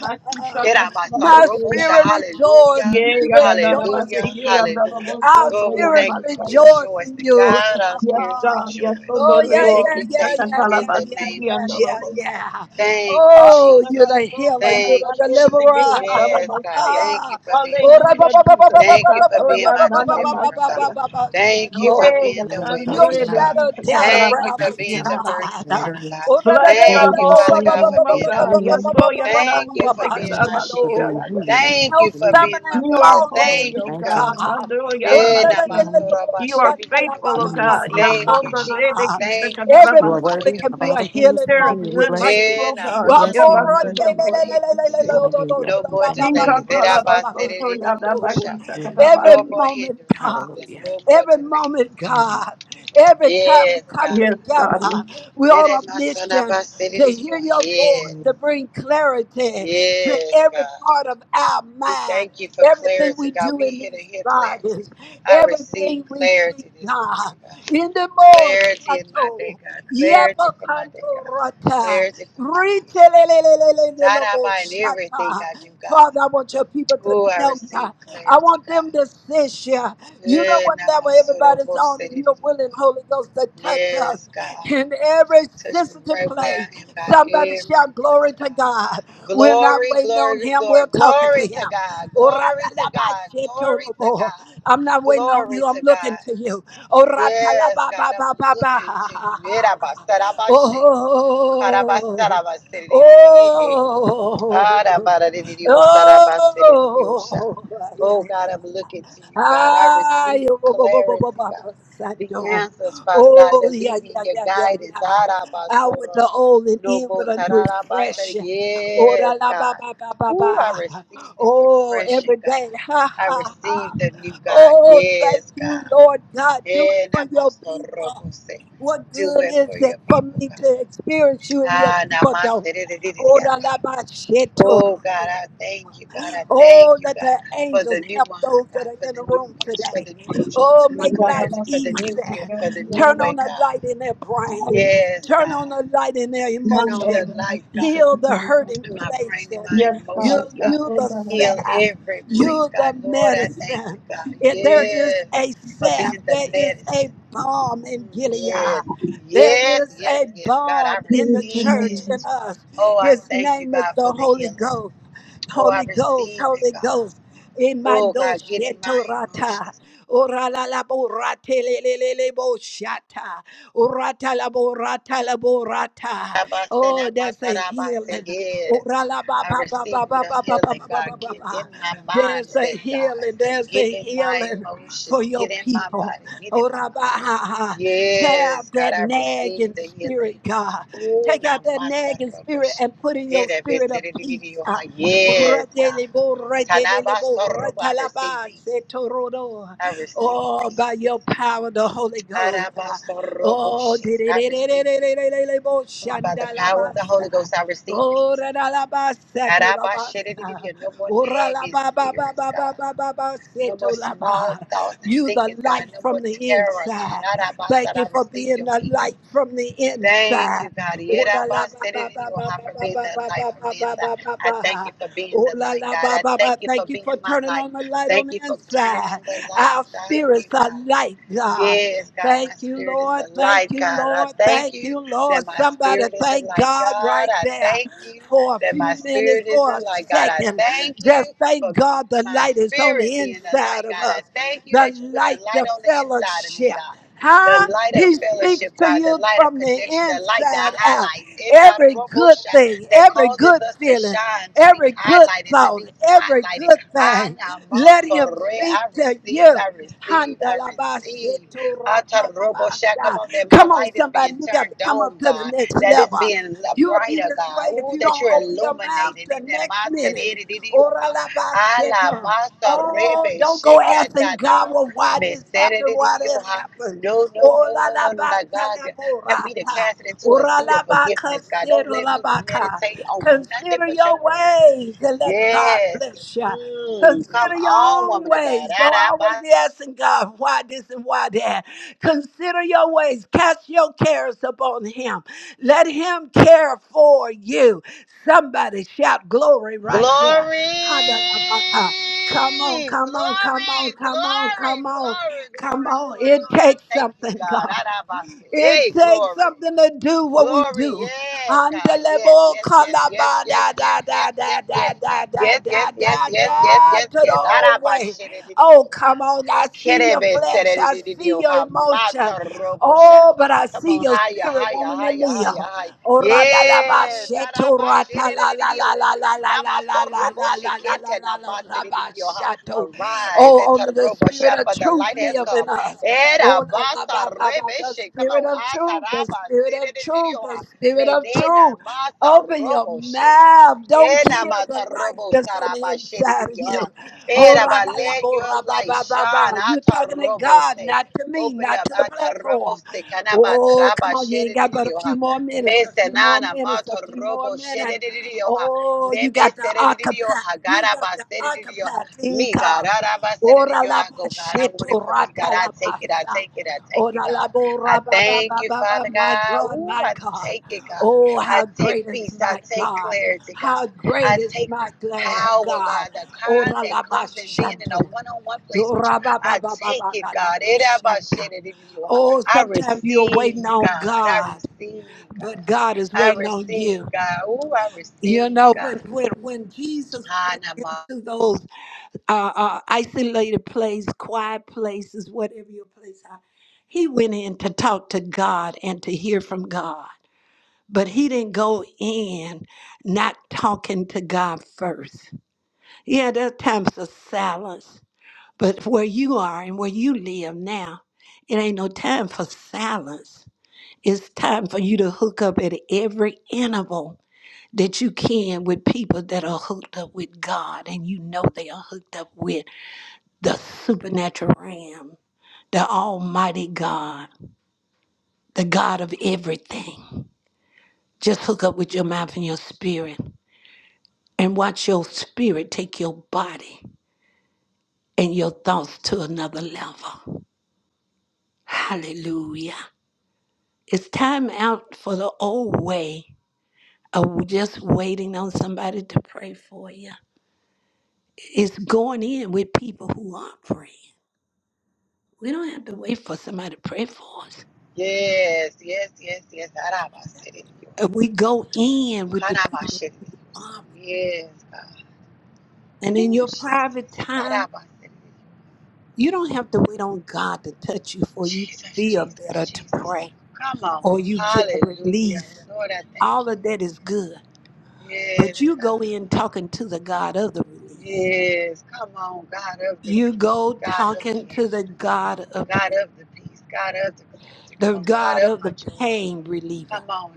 [SPEAKER 1] My
[SPEAKER 3] Irabasarobosha.
[SPEAKER 1] spirit rejoices;
[SPEAKER 3] Hallelujah.
[SPEAKER 1] We rejoice
[SPEAKER 3] Hallelujah.
[SPEAKER 1] in you.
[SPEAKER 3] Hallelujah.
[SPEAKER 1] Our
[SPEAKER 3] Lord, we
[SPEAKER 1] spirits
[SPEAKER 3] thank you for
[SPEAKER 1] rejoice in
[SPEAKER 3] rejoicing.
[SPEAKER 1] you.
[SPEAKER 3] God, our
[SPEAKER 4] Yes,
[SPEAKER 3] spirits
[SPEAKER 4] God. Yes, O
[SPEAKER 3] rejoice.
[SPEAKER 1] oh
[SPEAKER 4] Lord,
[SPEAKER 1] yeah,
[SPEAKER 3] Lord,
[SPEAKER 4] Rebeki,
[SPEAKER 1] yeah,
[SPEAKER 3] we
[SPEAKER 1] yeah,
[SPEAKER 3] thank you
[SPEAKER 1] yeah,
[SPEAKER 3] in
[SPEAKER 1] yeah,
[SPEAKER 3] the
[SPEAKER 1] yeah,
[SPEAKER 3] name
[SPEAKER 4] Sakatalabasiki,
[SPEAKER 1] yeah,
[SPEAKER 3] of
[SPEAKER 4] and
[SPEAKER 1] yeah,
[SPEAKER 3] Jesus.
[SPEAKER 4] Dorobosa.
[SPEAKER 1] yeah.
[SPEAKER 3] Thank you,
[SPEAKER 1] Oh, you're
[SPEAKER 3] Jesus.
[SPEAKER 1] the healer. You're the
[SPEAKER 3] Thank you, Jesus.
[SPEAKER 1] deliverer.
[SPEAKER 3] Yes, God. Thank you for being
[SPEAKER 1] Oh,
[SPEAKER 3] my
[SPEAKER 1] ra-
[SPEAKER 3] healer.
[SPEAKER 1] ba-
[SPEAKER 4] Hallelujah,
[SPEAKER 1] ba- ba- ba- ba-
[SPEAKER 4] Jesus.
[SPEAKER 1] ba-
[SPEAKER 3] Thank you
[SPEAKER 1] ba- ba-
[SPEAKER 3] for being
[SPEAKER 1] ba-
[SPEAKER 4] Ikatoya,
[SPEAKER 3] my
[SPEAKER 1] ba- ba- ba- ba- ba-
[SPEAKER 4] Nana,
[SPEAKER 1] ba-
[SPEAKER 3] deliverer,
[SPEAKER 1] ba-
[SPEAKER 3] God.
[SPEAKER 1] ba-
[SPEAKER 4] Masaya.
[SPEAKER 1] ba- ba-
[SPEAKER 3] Thank you for
[SPEAKER 4] Yea,
[SPEAKER 1] shadow.
[SPEAKER 3] being the
[SPEAKER 5] Hallelujah.
[SPEAKER 4] Yalanando,
[SPEAKER 5] Thank
[SPEAKER 1] No
[SPEAKER 5] you,
[SPEAKER 3] waymaker,
[SPEAKER 5] God.
[SPEAKER 3] God.
[SPEAKER 1] shadow
[SPEAKER 4] Rebeki,
[SPEAKER 1] of doubt
[SPEAKER 3] Thank you
[SPEAKER 1] around
[SPEAKER 3] for
[SPEAKER 5] Thank
[SPEAKER 1] us
[SPEAKER 5] you,
[SPEAKER 4] Sakatalabasiki,
[SPEAKER 3] being
[SPEAKER 4] and
[SPEAKER 3] the
[SPEAKER 5] Jesus.
[SPEAKER 3] burden
[SPEAKER 4] Dorobosa.
[SPEAKER 1] God.
[SPEAKER 3] bearer,
[SPEAKER 5] Hallelujah.
[SPEAKER 3] God.
[SPEAKER 1] Oh, da, da,
[SPEAKER 4] Bless
[SPEAKER 1] da,
[SPEAKER 5] Oh,
[SPEAKER 1] da,
[SPEAKER 4] your
[SPEAKER 5] we
[SPEAKER 3] Thank
[SPEAKER 1] da,
[SPEAKER 3] you,
[SPEAKER 1] bo-
[SPEAKER 5] bless
[SPEAKER 3] Father
[SPEAKER 1] ba-
[SPEAKER 4] holy
[SPEAKER 1] ba-
[SPEAKER 3] God,
[SPEAKER 1] ba-
[SPEAKER 5] you.
[SPEAKER 3] for
[SPEAKER 1] ba-
[SPEAKER 4] name,
[SPEAKER 1] ba-
[SPEAKER 4] O
[SPEAKER 5] Thank
[SPEAKER 3] being
[SPEAKER 1] ba-
[SPEAKER 5] you,
[SPEAKER 3] our
[SPEAKER 4] God.
[SPEAKER 1] ba-
[SPEAKER 4] Yes,
[SPEAKER 1] ba-
[SPEAKER 3] peace.
[SPEAKER 5] Lord.
[SPEAKER 4] O
[SPEAKER 1] ba- ba- ba- ba-
[SPEAKER 4] Yalana,
[SPEAKER 1] ba-
[SPEAKER 3] Thank
[SPEAKER 4] yes,
[SPEAKER 3] you
[SPEAKER 1] ba- ba-
[SPEAKER 3] for
[SPEAKER 1] ba-
[SPEAKER 3] being
[SPEAKER 5] Thank
[SPEAKER 3] my
[SPEAKER 5] you for
[SPEAKER 3] shield.
[SPEAKER 5] being
[SPEAKER 4] Ikarabasika,
[SPEAKER 1] Shalom.
[SPEAKER 5] who you are.
[SPEAKER 3] Thank
[SPEAKER 1] No
[SPEAKER 3] you for
[SPEAKER 5] Hallelujah.
[SPEAKER 3] being my
[SPEAKER 1] stumbling
[SPEAKER 4] You
[SPEAKER 3] buckler.
[SPEAKER 4] are
[SPEAKER 1] falling in
[SPEAKER 4] holy,
[SPEAKER 5] Oh,
[SPEAKER 3] Thank
[SPEAKER 1] you,
[SPEAKER 4] O
[SPEAKER 3] you,
[SPEAKER 5] thank you,
[SPEAKER 3] God.
[SPEAKER 4] God.
[SPEAKER 5] Lord.
[SPEAKER 1] God.
[SPEAKER 4] Hando,
[SPEAKER 1] Oh, da,
[SPEAKER 5] We
[SPEAKER 3] Eh,
[SPEAKER 5] bless
[SPEAKER 1] da, da,
[SPEAKER 5] your
[SPEAKER 1] da,
[SPEAKER 4] Yalamasia.
[SPEAKER 1] da, da,
[SPEAKER 5] name.
[SPEAKER 1] bo-
[SPEAKER 4] You are
[SPEAKER 1] shanda, la,
[SPEAKER 4] faithful,
[SPEAKER 1] ba-
[SPEAKER 3] namasorabasiriwa.
[SPEAKER 4] O
[SPEAKER 1] ba-
[SPEAKER 5] Mighty
[SPEAKER 1] ba-
[SPEAKER 4] God.
[SPEAKER 5] Savior,
[SPEAKER 4] Yes,
[SPEAKER 1] ha-
[SPEAKER 5] we
[SPEAKER 3] Thank
[SPEAKER 1] ha-
[SPEAKER 4] O
[SPEAKER 5] bless
[SPEAKER 3] you,
[SPEAKER 4] Lord,
[SPEAKER 5] you.
[SPEAKER 3] Jesus.
[SPEAKER 1] ha.
[SPEAKER 4] Rebeki,
[SPEAKER 3] Thank you,
[SPEAKER 1] Every
[SPEAKER 5] You are
[SPEAKER 3] Jesus,
[SPEAKER 4] Sakatalabasiki.
[SPEAKER 3] for
[SPEAKER 5] worthy
[SPEAKER 1] moment
[SPEAKER 3] your
[SPEAKER 1] can
[SPEAKER 5] of
[SPEAKER 1] be
[SPEAKER 5] all
[SPEAKER 1] a
[SPEAKER 5] the
[SPEAKER 3] faithfulness,
[SPEAKER 5] praise.
[SPEAKER 1] healing
[SPEAKER 3] God.
[SPEAKER 4] There is
[SPEAKER 1] moment
[SPEAKER 5] Hallelujah. We
[SPEAKER 4] none
[SPEAKER 1] with
[SPEAKER 5] bless
[SPEAKER 4] like
[SPEAKER 5] you.
[SPEAKER 4] you,
[SPEAKER 1] you.
[SPEAKER 4] O
[SPEAKER 3] And I'm
[SPEAKER 5] We
[SPEAKER 4] God.
[SPEAKER 1] Wa-
[SPEAKER 5] bless
[SPEAKER 3] honored
[SPEAKER 5] you
[SPEAKER 1] mo-
[SPEAKER 3] in
[SPEAKER 5] and we
[SPEAKER 3] you
[SPEAKER 1] ro-
[SPEAKER 3] and
[SPEAKER 5] thank
[SPEAKER 1] te-
[SPEAKER 3] no
[SPEAKER 5] you.
[SPEAKER 1] le-
[SPEAKER 3] more
[SPEAKER 1] le- le- le- le- le-
[SPEAKER 3] hindrances,
[SPEAKER 4] Yabasotobayabasotobay.
[SPEAKER 1] lo- lo- lo-
[SPEAKER 5] Hallelujah.
[SPEAKER 3] no
[SPEAKER 1] lo-
[SPEAKER 5] We
[SPEAKER 3] more
[SPEAKER 1] ba-
[SPEAKER 5] thank
[SPEAKER 1] ba-
[SPEAKER 5] you
[SPEAKER 1] ba-
[SPEAKER 5] and we
[SPEAKER 1] ba-
[SPEAKER 3] delays.
[SPEAKER 1] ba- ba-
[SPEAKER 5] bless you.
[SPEAKER 1] ba- ba- ba- shando.
[SPEAKER 3] Erabasiririosha.
[SPEAKER 1] Every
[SPEAKER 3] No
[SPEAKER 4] Yinkatalabasotoyababakisakatabase.
[SPEAKER 3] more
[SPEAKER 1] moment, God.
[SPEAKER 3] hindrances and
[SPEAKER 5] Hallelujah.
[SPEAKER 3] no more
[SPEAKER 1] Every
[SPEAKER 3] delays.
[SPEAKER 1] moment, God. Every time we
[SPEAKER 3] Yes,
[SPEAKER 1] come
[SPEAKER 3] God.
[SPEAKER 4] Yes, God.
[SPEAKER 1] together,
[SPEAKER 4] yes.
[SPEAKER 1] we're on a mission to hear
[SPEAKER 3] Eremasonabasiririwa.
[SPEAKER 1] your voice,
[SPEAKER 3] Yes, God.
[SPEAKER 1] to bring clarity to
[SPEAKER 3] yes,
[SPEAKER 1] every
[SPEAKER 3] God.
[SPEAKER 1] part of our
[SPEAKER 3] We
[SPEAKER 1] mind,
[SPEAKER 3] thank you for
[SPEAKER 1] everything
[SPEAKER 3] clarity,
[SPEAKER 1] we
[SPEAKER 3] God.
[SPEAKER 1] do
[SPEAKER 3] We
[SPEAKER 1] in
[SPEAKER 3] here to
[SPEAKER 1] these
[SPEAKER 3] hear clarity.
[SPEAKER 1] bodies,
[SPEAKER 3] I receive
[SPEAKER 1] everything we think,
[SPEAKER 3] clarity this
[SPEAKER 1] God.
[SPEAKER 3] morning, God.
[SPEAKER 1] In the
[SPEAKER 3] Clarity in my
[SPEAKER 1] Lord,
[SPEAKER 3] day, God. Clarity for my day,
[SPEAKER 1] Yabakando
[SPEAKER 3] God.
[SPEAKER 1] rata.
[SPEAKER 3] Clarity for my business. God, I buy in everything
[SPEAKER 1] Riteleleleleleleboshata.
[SPEAKER 3] I do, God.
[SPEAKER 1] Father, I want your people to
[SPEAKER 3] Oh, I
[SPEAKER 1] know ya.
[SPEAKER 3] receive
[SPEAKER 1] I
[SPEAKER 3] clarity,
[SPEAKER 1] want them
[SPEAKER 3] God.
[SPEAKER 1] to sense ya. You know
[SPEAKER 3] Yeah,
[SPEAKER 1] what level
[SPEAKER 3] namaste,
[SPEAKER 1] everybody's
[SPEAKER 3] robo,
[SPEAKER 1] on, and
[SPEAKER 3] sedidi.
[SPEAKER 1] you're willing, Holy Ghost, to touch
[SPEAKER 3] Yes, God.
[SPEAKER 1] us in every
[SPEAKER 3] Touch me
[SPEAKER 1] sensitive
[SPEAKER 3] right where
[SPEAKER 1] place.
[SPEAKER 3] I am, God,
[SPEAKER 1] Somebody
[SPEAKER 3] every
[SPEAKER 1] shout glory
[SPEAKER 3] place,
[SPEAKER 1] to
[SPEAKER 3] God.
[SPEAKER 1] God. We're not
[SPEAKER 3] Glory,
[SPEAKER 1] waiting on
[SPEAKER 3] glory,
[SPEAKER 1] him,
[SPEAKER 3] glory,
[SPEAKER 1] we're talking
[SPEAKER 3] glory
[SPEAKER 1] to him.
[SPEAKER 3] to God, glory to God, glory to
[SPEAKER 1] Oradalabashitolobo.
[SPEAKER 3] God,
[SPEAKER 1] I'm not waiting on
[SPEAKER 3] glory
[SPEAKER 1] you, I'm
[SPEAKER 3] to
[SPEAKER 1] looking
[SPEAKER 3] God.
[SPEAKER 1] to you.
[SPEAKER 3] Yes, God, I'm
[SPEAKER 1] Oratalababababa.
[SPEAKER 3] looking to you. Erabasarabashe,
[SPEAKER 1] Oh,
[SPEAKER 3] karabasarabasere,
[SPEAKER 1] oh,
[SPEAKER 3] Arabaraririyosarabasereriyosha.
[SPEAKER 1] oh, yeah, yeah,
[SPEAKER 3] Oh
[SPEAKER 1] yeah,
[SPEAKER 3] God,
[SPEAKER 1] yeah.
[SPEAKER 3] I'm looking to you, God. I
[SPEAKER 1] Ay,
[SPEAKER 3] receive
[SPEAKER 1] oh, oh, oh, oh,
[SPEAKER 3] clarity,
[SPEAKER 1] oh, oh,
[SPEAKER 3] God.
[SPEAKER 1] oh,
[SPEAKER 3] The
[SPEAKER 1] Santo.
[SPEAKER 3] answers, Father God,
[SPEAKER 1] Oh,
[SPEAKER 3] the
[SPEAKER 1] yeah,
[SPEAKER 3] leading,
[SPEAKER 1] yeah,
[SPEAKER 3] your
[SPEAKER 1] yeah, yeah,
[SPEAKER 3] guidance.
[SPEAKER 1] yeah. Out with
[SPEAKER 3] Arabasoro,
[SPEAKER 1] the old and
[SPEAKER 3] No
[SPEAKER 1] in
[SPEAKER 3] more
[SPEAKER 1] with a
[SPEAKER 3] tararabaser.
[SPEAKER 1] refreshing. Oh, da,
[SPEAKER 3] Yes,
[SPEAKER 1] la, ba,
[SPEAKER 3] God.
[SPEAKER 1] ba, ba, ba,
[SPEAKER 3] Ooh, I
[SPEAKER 1] ba.
[SPEAKER 3] receive the
[SPEAKER 1] Oh, every
[SPEAKER 3] refreshing, God.
[SPEAKER 1] day. Ha,
[SPEAKER 3] I
[SPEAKER 1] ha, ha.
[SPEAKER 3] receive the new God.
[SPEAKER 1] Oh, thank
[SPEAKER 3] Yes,
[SPEAKER 1] you,
[SPEAKER 3] God.
[SPEAKER 1] Lord God. Do it for your people.
[SPEAKER 3] Enamastorobose.
[SPEAKER 1] What
[SPEAKER 3] Do
[SPEAKER 1] good
[SPEAKER 3] it for
[SPEAKER 1] is it
[SPEAKER 3] your
[SPEAKER 1] for
[SPEAKER 3] people,
[SPEAKER 1] me
[SPEAKER 3] God.
[SPEAKER 1] to experience you and your
[SPEAKER 3] Ah,
[SPEAKER 1] people, though? Oh, da,
[SPEAKER 3] namaste.
[SPEAKER 1] la, ba, shit.
[SPEAKER 3] Oh God, I thank you, God. I
[SPEAKER 1] Oh,
[SPEAKER 3] thank you,
[SPEAKER 1] let
[SPEAKER 3] God,
[SPEAKER 1] the
[SPEAKER 3] for
[SPEAKER 1] angels
[SPEAKER 3] the new
[SPEAKER 1] help
[SPEAKER 3] wine,
[SPEAKER 1] those that
[SPEAKER 3] God, for
[SPEAKER 1] are in
[SPEAKER 3] the
[SPEAKER 1] the
[SPEAKER 3] new
[SPEAKER 1] room
[SPEAKER 3] gifts, for
[SPEAKER 1] today.
[SPEAKER 3] the new
[SPEAKER 1] Oh, make life
[SPEAKER 3] clarity, for the
[SPEAKER 1] easy.
[SPEAKER 3] new gift, for the new
[SPEAKER 1] Turn on
[SPEAKER 3] way,
[SPEAKER 1] the
[SPEAKER 3] God.
[SPEAKER 1] light in their brain.
[SPEAKER 4] Mandalabasotoyababakisakotabase.
[SPEAKER 3] Yes,
[SPEAKER 1] Turn on
[SPEAKER 3] God.
[SPEAKER 1] the light in their
[SPEAKER 3] Turn on the
[SPEAKER 1] emotion.
[SPEAKER 3] light,
[SPEAKER 1] Heal
[SPEAKER 3] God,
[SPEAKER 1] the hurting
[SPEAKER 3] in my brain and
[SPEAKER 1] places.
[SPEAKER 3] my
[SPEAKER 4] Yes,
[SPEAKER 1] You,
[SPEAKER 4] God.
[SPEAKER 3] emotions,
[SPEAKER 4] Yes,
[SPEAKER 3] God.
[SPEAKER 1] you
[SPEAKER 4] Lord
[SPEAKER 1] the
[SPEAKER 4] God.
[SPEAKER 3] Heal
[SPEAKER 1] salve.
[SPEAKER 3] every place,
[SPEAKER 1] You the
[SPEAKER 3] God. Lord, I thank
[SPEAKER 1] medicine.
[SPEAKER 3] you, God.
[SPEAKER 1] If there is
[SPEAKER 3] Yes,
[SPEAKER 1] a
[SPEAKER 3] for
[SPEAKER 1] salve,
[SPEAKER 3] being the
[SPEAKER 1] there is
[SPEAKER 3] medicine.
[SPEAKER 1] a balm in
[SPEAKER 3] Mhm.
[SPEAKER 1] Gilead.
[SPEAKER 3] Yes,
[SPEAKER 1] There
[SPEAKER 3] yes,
[SPEAKER 1] is
[SPEAKER 3] yes,
[SPEAKER 1] a
[SPEAKER 3] yes, God. I
[SPEAKER 1] balm in
[SPEAKER 4] Here
[SPEAKER 1] the
[SPEAKER 4] is your
[SPEAKER 3] receive
[SPEAKER 1] church in
[SPEAKER 4] name,
[SPEAKER 3] it.
[SPEAKER 1] us.
[SPEAKER 3] Oh, I
[SPEAKER 1] His
[SPEAKER 3] thank you,
[SPEAKER 1] name is
[SPEAKER 3] God,
[SPEAKER 1] the
[SPEAKER 3] for the
[SPEAKER 1] Holy
[SPEAKER 3] healing.
[SPEAKER 1] Ghost.
[SPEAKER 3] Oh, I
[SPEAKER 1] Holy Ghost,
[SPEAKER 3] receive it,
[SPEAKER 1] Holy
[SPEAKER 3] God.
[SPEAKER 1] Ghost. In my
[SPEAKER 3] Oh,
[SPEAKER 1] no
[SPEAKER 3] God, get in my
[SPEAKER 1] shetorata,
[SPEAKER 3] emotions.
[SPEAKER 1] ora la la borate le le le le bo shata, orata la borata la borata. Oh, there's a
[SPEAKER 3] Abasanamatarabasse,
[SPEAKER 1] healing.
[SPEAKER 3] Yes,
[SPEAKER 1] Ora la ba
[SPEAKER 3] I
[SPEAKER 1] ba ba ba
[SPEAKER 3] receive
[SPEAKER 1] ba
[SPEAKER 3] your
[SPEAKER 1] ba ba ba
[SPEAKER 3] healing,
[SPEAKER 1] ba ba ba
[SPEAKER 3] God. Get in
[SPEAKER 1] ba.
[SPEAKER 3] my
[SPEAKER 1] There's a
[SPEAKER 3] mindset, God.
[SPEAKER 1] healing. There's
[SPEAKER 3] Get
[SPEAKER 1] a
[SPEAKER 3] in my
[SPEAKER 1] healing for
[SPEAKER 3] emotions.
[SPEAKER 1] your
[SPEAKER 3] Get in my
[SPEAKER 1] people.
[SPEAKER 3] body. Get in my
[SPEAKER 1] Ora ba
[SPEAKER 3] mind, God.
[SPEAKER 1] ha ha. Tear
[SPEAKER 3] Yes,
[SPEAKER 1] out
[SPEAKER 3] God,
[SPEAKER 1] that
[SPEAKER 3] I receive
[SPEAKER 1] nagging
[SPEAKER 3] the healing.
[SPEAKER 1] spirit, God.
[SPEAKER 3] Oh,
[SPEAKER 1] Take out that nagging spirit
[SPEAKER 3] namasarabosh.
[SPEAKER 1] and put in your spirit of peace.
[SPEAKER 3] Erebeseririoha. Yes, God.
[SPEAKER 1] Radelebo, radelebo,
[SPEAKER 3] Tanabasorobo, I receive
[SPEAKER 1] ratalaba,
[SPEAKER 3] peace.
[SPEAKER 1] setorodo.
[SPEAKER 3] I receive
[SPEAKER 1] Oh, by
[SPEAKER 3] peace.
[SPEAKER 1] your power, the Holy Ghost. Oh,
[SPEAKER 3] Arabasorobushi. I receive peace.
[SPEAKER 1] diririririririririribo,
[SPEAKER 3] Come on, by the power of the Holy
[SPEAKER 1] shandalabasa.
[SPEAKER 3] Ghost, I receive peace.
[SPEAKER 1] Ora la la ba seto la ba sa.
[SPEAKER 3] Arabashedidididia. No more
[SPEAKER 1] Ora la
[SPEAKER 3] nagging
[SPEAKER 1] ba ba ba
[SPEAKER 3] spirits,
[SPEAKER 1] ba ba
[SPEAKER 3] God.
[SPEAKER 1] ba ba ba
[SPEAKER 3] No more
[SPEAKER 1] seto la
[SPEAKER 3] small
[SPEAKER 1] ba.
[SPEAKER 3] thoughts and
[SPEAKER 1] You the
[SPEAKER 3] thinkings, God.
[SPEAKER 1] light
[SPEAKER 3] No more
[SPEAKER 1] from the
[SPEAKER 3] terror, God.
[SPEAKER 1] inside.
[SPEAKER 3] Arabasar,
[SPEAKER 1] Thank you
[SPEAKER 3] I
[SPEAKER 1] for
[SPEAKER 3] receive
[SPEAKER 1] being
[SPEAKER 3] your
[SPEAKER 1] the
[SPEAKER 3] peace.
[SPEAKER 1] light from the
[SPEAKER 3] Thank
[SPEAKER 1] inside.
[SPEAKER 3] you, God.
[SPEAKER 1] Oh la la ba ba ba ba
[SPEAKER 3] Yerabasedidididiha, For
[SPEAKER 1] ba
[SPEAKER 3] being
[SPEAKER 1] ba
[SPEAKER 3] the
[SPEAKER 1] ba
[SPEAKER 3] light
[SPEAKER 1] ba
[SPEAKER 3] from
[SPEAKER 1] ba
[SPEAKER 3] the
[SPEAKER 1] ba
[SPEAKER 3] inside.
[SPEAKER 1] ba ba
[SPEAKER 3] I thank you
[SPEAKER 1] ba.
[SPEAKER 3] for being
[SPEAKER 1] Oh
[SPEAKER 3] the
[SPEAKER 1] la
[SPEAKER 3] light,
[SPEAKER 1] la
[SPEAKER 3] God.
[SPEAKER 1] ba
[SPEAKER 3] I
[SPEAKER 1] ba
[SPEAKER 3] thank
[SPEAKER 1] ba.
[SPEAKER 3] you for
[SPEAKER 1] Thank you
[SPEAKER 3] being
[SPEAKER 1] for
[SPEAKER 3] my
[SPEAKER 1] turning
[SPEAKER 3] light.
[SPEAKER 1] on the light
[SPEAKER 3] Thank
[SPEAKER 1] on the
[SPEAKER 3] you for turning on
[SPEAKER 1] inside.
[SPEAKER 3] the light
[SPEAKER 1] Our
[SPEAKER 3] inside of
[SPEAKER 1] spirits
[SPEAKER 3] me,
[SPEAKER 1] are
[SPEAKER 3] God.
[SPEAKER 1] light, God.
[SPEAKER 3] Yes, God, my
[SPEAKER 1] Thank you,
[SPEAKER 3] spirit is
[SPEAKER 1] Lord.
[SPEAKER 3] the
[SPEAKER 1] Thank
[SPEAKER 3] light,
[SPEAKER 1] you,
[SPEAKER 3] God. I
[SPEAKER 1] Lord.
[SPEAKER 3] thank
[SPEAKER 1] Thank
[SPEAKER 3] you
[SPEAKER 1] you, Lord.
[SPEAKER 3] that my
[SPEAKER 1] Somebody
[SPEAKER 3] spirit is the
[SPEAKER 1] thank
[SPEAKER 3] light,
[SPEAKER 1] God
[SPEAKER 3] God.
[SPEAKER 1] right
[SPEAKER 3] I
[SPEAKER 1] there
[SPEAKER 3] thank you
[SPEAKER 1] for a
[SPEAKER 3] that my
[SPEAKER 1] few minutes,
[SPEAKER 3] spirit is
[SPEAKER 1] for a
[SPEAKER 3] the light, God. I
[SPEAKER 1] second.
[SPEAKER 3] thank
[SPEAKER 1] Just
[SPEAKER 3] you
[SPEAKER 1] thank
[SPEAKER 3] for
[SPEAKER 1] God the
[SPEAKER 3] my
[SPEAKER 1] light is on
[SPEAKER 3] spirit
[SPEAKER 1] the
[SPEAKER 3] being the
[SPEAKER 1] inside
[SPEAKER 3] light,
[SPEAKER 1] of
[SPEAKER 3] God. I
[SPEAKER 1] us.
[SPEAKER 3] thank you
[SPEAKER 1] The
[SPEAKER 3] that you put the
[SPEAKER 1] light,
[SPEAKER 3] light
[SPEAKER 1] the
[SPEAKER 3] on the inside of me,
[SPEAKER 1] fellowship.
[SPEAKER 3] God. The
[SPEAKER 1] Huh?
[SPEAKER 3] light of
[SPEAKER 1] He speaks
[SPEAKER 3] fellowship,
[SPEAKER 1] to
[SPEAKER 3] God. The
[SPEAKER 1] you
[SPEAKER 3] light of
[SPEAKER 1] from the
[SPEAKER 3] connection. The light that
[SPEAKER 1] inside out.
[SPEAKER 3] highlights. It's a
[SPEAKER 1] Every good
[SPEAKER 3] robosha
[SPEAKER 1] thing,
[SPEAKER 3] that
[SPEAKER 1] every
[SPEAKER 3] causes
[SPEAKER 1] good
[SPEAKER 3] us to
[SPEAKER 1] feeling,
[SPEAKER 3] shine, to be
[SPEAKER 1] every good
[SPEAKER 3] highlighted, to
[SPEAKER 1] thought,
[SPEAKER 3] be
[SPEAKER 1] every
[SPEAKER 3] spotlighted.
[SPEAKER 1] good
[SPEAKER 3] I
[SPEAKER 1] thing. Let him
[SPEAKER 3] namasore.
[SPEAKER 1] speak
[SPEAKER 3] I
[SPEAKER 1] to
[SPEAKER 3] receive,
[SPEAKER 1] you.
[SPEAKER 3] I receive, I receive. Atarobosha. Come
[SPEAKER 1] Handalabasetorata-labasa.
[SPEAKER 3] on, that my
[SPEAKER 1] Come on,
[SPEAKER 3] light is
[SPEAKER 1] somebody,
[SPEAKER 3] being
[SPEAKER 1] you got to
[SPEAKER 3] turned
[SPEAKER 1] come up
[SPEAKER 3] on,
[SPEAKER 1] to the
[SPEAKER 3] God.
[SPEAKER 1] next
[SPEAKER 3] That it's
[SPEAKER 1] level.
[SPEAKER 3] being
[SPEAKER 1] You'll be
[SPEAKER 3] brighter,
[SPEAKER 1] this way
[SPEAKER 3] God.
[SPEAKER 1] if
[SPEAKER 3] Ooh,
[SPEAKER 1] you
[SPEAKER 3] that
[SPEAKER 1] don't
[SPEAKER 3] you're
[SPEAKER 1] open your mouth
[SPEAKER 3] illuminating
[SPEAKER 1] the
[SPEAKER 3] In that
[SPEAKER 1] next minute.
[SPEAKER 3] maserere-di-di-o-a. Ala
[SPEAKER 1] Oralabaseta.
[SPEAKER 3] masorebe-sheketana.
[SPEAKER 1] Oh, don't go asking God, well, why
[SPEAKER 3] di
[SPEAKER 1] this happened, why
[SPEAKER 3] di
[SPEAKER 1] that happened.
[SPEAKER 3] No, no, no, no, no, no, no, God. Help me to
[SPEAKER 1] Oralabatalabora.
[SPEAKER 3] cast it into a sea of
[SPEAKER 1] Uralabaka,
[SPEAKER 3] forgiveness, God. Don't let me
[SPEAKER 1] sirulabaka.
[SPEAKER 3] meditate on nothing
[SPEAKER 1] Consider
[SPEAKER 3] but your
[SPEAKER 1] your
[SPEAKER 3] word.
[SPEAKER 1] ways and let God
[SPEAKER 3] Yes.
[SPEAKER 1] bless you.
[SPEAKER 3] Mm, come
[SPEAKER 1] Consider your
[SPEAKER 3] on,
[SPEAKER 1] own
[SPEAKER 3] woman of God.
[SPEAKER 1] ways. Don't
[SPEAKER 3] Out of
[SPEAKER 1] always
[SPEAKER 3] my
[SPEAKER 1] be asking God why this and why that. Consider your ways. Cast your cares upon Him. Let Him care for you. Somebody shout glory right there.
[SPEAKER 3] glory.
[SPEAKER 1] Hadalabaka. Come on, come on, come on,
[SPEAKER 3] Glory, glory,
[SPEAKER 1] come on, come on,
[SPEAKER 3] glory,
[SPEAKER 1] come
[SPEAKER 3] glory,
[SPEAKER 1] on.
[SPEAKER 3] glory.
[SPEAKER 1] It
[SPEAKER 3] Lord, I
[SPEAKER 1] takes
[SPEAKER 3] thank you,
[SPEAKER 1] something,
[SPEAKER 3] God.
[SPEAKER 1] God.
[SPEAKER 3] Out of my
[SPEAKER 1] It
[SPEAKER 3] hey,
[SPEAKER 1] takes
[SPEAKER 3] glory.
[SPEAKER 1] something to do what we
[SPEAKER 3] Glory,
[SPEAKER 1] do.
[SPEAKER 3] yes,
[SPEAKER 1] On the
[SPEAKER 3] God, yes,
[SPEAKER 1] level,
[SPEAKER 3] yes, yes, yes,
[SPEAKER 1] da
[SPEAKER 3] yes,
[SPEAKER 1] da
[SPEAKER 3] yes,
[SPEAKER 1] da
[SPEAKER 3] yes,
[SPEAKER 1] da da da
[SPEAKER 3] yes,
[SPEAKER 1] da
[SPEAKER 3] yes, yes,
[SPEAKER 1] da
[SPEAKER 3] yes, yes,
[SPEAKER 1] da
[SPEAKER 3] yes, yes,
[SPEAKER 1] da
[SPEAKER 3] yes,
[SPEAKER 1] to the
[SPEAKER 3] yes.
[SPEAKER 1] old way. Oh,
[SPEAKER 3] Arabashidididioha.
[SPEAKER 1] come on! I see your flesh. I see your
[SPEAKER 3] Kerebesedidididioha.
[SPEAKER 1] emotion.
[SPEAKER 3] Matarobosha.
[SPEAKER 1] Oh, but I
[SPEAKER 3] Come
[SPEAKER 1] see
[SPEAKER 3] on,
[SPEAKER 1] your
[SPEAKER 3] higher,
[SPEAKER 1] spirit
[SPEAKER 3] higher,
[SPEAKER 1] wanting to
[SPEAKER 3] higher, higher,
[SPEAKER 1] live.
[SPEAKER 3] higher.
[SPEAKER 1] Oh, ra da la
[SPEAKER 3] Yes,
[SPEAKER 1] la la la
[SPEAKER 3] Arabashididididioha.
[SPEAKER 1] la la la la la la la
[SPEAKER 3] Namasoroboshe
[SPEAKER 1] la la la
[SPEAKER 3] kete
[SPEAKER 1] la la la ba
[SPEAKER 3] namasedidididioha. arise,
[SPEAKER 1] Oh, only the spirit
[SPEAKER 3] etarobosha,
[SPEAKER 1] of
[SPEAKER 3] for the
[SPEAKER 1] truth
[SPEAKER 3] light has
[SPEAKER 1] live in
[SPEAKER 3] come.
[SPEAKER 1] us us.
[SPEAKER 3] Era
[SPEAKER 1] Oh, la, la,
[SPEAKER 3] basa
[SPEAKER 1] ba, ba, ba. The
[SPEAKER 3] rebeshe. Come
[SPEAKER 1] spirit
[SPEAKER 3] on.
[SPEAKER 1] of truth, the
[SPEAKER 3] Ataraba
[SPEAKER 1] spirit of truth, the
[SPEAKER 3] siririoha.
[SPEAKER 1] spirit of
[SPEAKER 3] Menena
[SPEAKER 1] truth.
[SPEAKER 3] masa
[SPEAKER 1] Open your
[SPEAKER 3] robo she.
[SPEAKER 1] mouth. Don't
[SPEAKER 3] Ena
[SPEAKER 1] kill
[SPEAKER 3] mata
[SPEAKER 1] the life
[SPEAKER 3] robo
[SPEAKER 1] that's on the
[SPEAKER 3] saraba
[SPEAKER 1] inside of you.
[SPEAKER 3] shiririoha.
[SPEAKER 1] Oh,
[SPEAKER 3] Era
[SPEAKER 1] ra,
[SPEAKER 3] ba
[SPEAKER 1] la, la,
[SPEAKER 3] let
[SPEAKER 1] bo,
[SPEAKER 3] your
[SPEAKER 1] ra, ba,
[SPEAKER 3] light
[SPEAKER 1] ba, ba,
[SPEAKER 3] shine.
[SPEAKER 1] ba. You're
[SPEAKER 3] Ata
[SPEAKER 1] talking to
[SPEAKER 3] robo
[SPEAKER 1] God,
[SPEAKER 3] se.
[SPEAKER 1] not to me,
[SPEAKER 3] Open
[SPEAKER 1] not
[SPEAKER 3] up.
[SPEAKER 1] to the
[SPEAKER 3] Ata robo
[SPEAKER 1] platform.
[SPEAKER 3] se. Kanaba
[SPEAKER 1] Oh, come
[SPEAKER 3] taraba
[SPEAKER 1] on. You ain't got but a few
[SPEAKER 3] shiririoha.
[SPEAKER 1] more minutes, a few more
[SPEAKER 3] Mesenana
[SPEAKER 1] minutes,
[SPEAKER 3] mata
[SPEAKER 1] a few more
[SPEAKER 3] robo
[SPEAKER 1] minutes.
[SPEAKER 3] shiririoha.
[SPEAKER 1] Oh, you
[SPEAKER 3] Neme
[SPEAKER 1] got to occupy.
[SPEAKER 3] siririoha.
[SPEAKER 1] You got
[SPEAKER 3] Garaba
[SPEAKER 1] to
[SPEAKER 3] siririoha
[SPEAKER 1] occupy. till he
[SPEAKER 3] me, God.
[SPEAKER 1] come.
[SPEAKER 3] I, said it in
[SPEAKER 1] Ora
[SPEAKER 3] you.
[SPEAKER 1] la
[SPEAKER 3] I go, God. I want it
[SPEAKER 1] basheto
[SPEAKER 3] for me, God.
[SPEAKER 1] rata
[SPEAKER 3] I
[SPEAKER 1] la
[SPEAKER 3] take it. I
[SPEAKER 1] basa.
[SPEAKER 3] take it. I take it,
[SPEAKER 1] Ora
[SPEAKER 3] God.
[SPEAKER 1] la
[SPEAKER 3] I
[SPEAKER 1] bora ba ba
[SPEAKER 3] thank
[SPEAKER 1] ba
[SPEAKER 3] you,
[SPEAKER 1] ba ba.
[SPEAKER 3] Father
[SPEAKER 1] My
[SPEAKER 3] God.
[SPEAKER 1] God,
[SPEAKER 3] Ooh,
[SPEAKER 1] my
[SPEAKER 3] I
[SPEAKER 1] God.
[SPEAKER 3] take it, God.
[SPEAKER 1] Oh,
[SPEAKER 3] I
[SPEAKER 1] how
[SPEAKER 3] take
[SPEAKER 1] great is
[SPEAKER 3] peace. I
[SPEAKER 1] my
[SPEAKER 3] take
[SPEAKER 1] God.
[SPEAKER 3] clarity,
[SPEAKER 1] How
[SPEAKER 3] God.
[SPEAKER 1] great
[SPEAKER 3] I
[SPEAKER 1] is
[SPEAKER 3] take
[SPEAKER 1] my gla-
[SPEAKER 3] power,
[SPEAKER 1] God.
[SPEAKER 3] God, the kind
[SPEAKER 1] Ora
[SPEAKER 3] that
[SPEAKER 1] la
[SPEAKER 3] comes in being in
[SPEAKER 1] bashanto.
[SPEAKER 3] a one-on-one place with you.
[SPEAKER 1] Ora ba ba
[SPEAKER 3] I
[SPEAKER 1] ba ba
[SPEAKER 3] take
[SPEAKER 1] ba la
[SPEAKER 3] it,
[SPEAKER 1] la
[SPEAKER 3] God. It
[SPEAKER 1] bushanta. Oh,
[SPEAKER 3] I
[SPEAKER 1] sometimes you're waiting
[SPEAKER 3] receive,
[SPEAKER 1] on
[SPEAKER 3] God. I
[SPEAKER 1] God,
[SPEAKER 3] receive, God.
[SPEAKER 1] but God is
[SPEAKER 3] I
[SPEAKER 1] waiting on
[SPEAKER 3] receive,
[SPEAKER 1] you.
[SPEAKER 3] God. Ooh, I
[SPEAKER 1] You
[SPEAKER 3] receive,
[SPEAKER 1] know, when
[SPEAKER 3] God.
[SPEAKER 1] when when Jesus
[SPEAKER 3] Ah,
[SPEAKER 1] went
[SPEAKER 3] nah,
[SPEAKER 1] into those uh, uh, isolated place, quiet places, whatever your place are. He went in to talk to God and to hear from God. But he didn't go in not talking to God first. Yeah, there are times of silence. But where you are and where you live now, it ain't no time for silence. It's time for you to hook up at every interval that you can with people that are hooked up with God and you know they are hooked up with the supernatural realm, the Almighty God, the God of everything. Just hook up with your mouth and your spirit and watch your spirit take your body and your thoughts to another level. Hallelujah. It's time out for the old way of just waiting on somebody to pray for you. It's going in with people who aren't praying. We don't have to wait for somebody to pray for us.
[SPEAKER 3] Yes, yes, yes, yes. Arabasiririyo.
[SPEAKER 1] Uh, We go in with the people
[SPEAKER 3] Kanabashiririyo,
[SPEAKER 1] who aren't
[SPEAKER 3] son. Yes, God.
[SPEAKER 1] And in
[SPEAKER 3] Oh,
[SPEAKER 1] your private
[SPEAKER 3] Jesus.
[SPEAKER 1] time,
[SPEAKER 3] Arabasiririyo.
[SPEAKER 1] you don't have to wait on God to touch you for you to
[SPEAKER 3] Jesus,
[SPEAKER 1] feel better
[SPEAKER 3] Jesus,
[SPEAKER 1] to
[SPEAKER 3] Jesus.
[SPEAKER 1] pray
[SPEAKER 3] Come on.
[SPEAKER 1] or you get a
[SPEAKER 3] Hallelujah.
[SPEAKER 1] release.
[SPEAKER 3] Lord, I thank
[SPEAKER 1] All of that
[SPEAKER 3] you.
[SPEAKER 1] is good.
[SPEAKER 3] Yes,
[SPEAKER 1] But you go in
[SPEAKER 3] God.
[SPEAKER 1] talking to the God of the release.
[SPEAKER 3] Yes. Come on, God of the
[SPEAKER 1] You
[SPEAKER 3] release,
[SPEAKER 1] go
[SPEAKER 3] God of
[SPEAKER 1] talking
[SPEAKER 3] the
[SPEAKER 1] to the
[SPEAKER 3] answer,
[SPEAKER 1] God of the,
[SPEAKER 3] God of the peace, God of the clarity. Come
[SPEAKER 1] the
[SPEAKER 3] on, God
[SPEAKER 1] God
[SPEAKER 3] of
[SPEAKER 1] of
[SPEAKER 3] my
[SPEAKER 1] the
[SPEAKER 3] joy.
[SPEAKER 1] pain reliever,
[SPEAKER 3] Come on.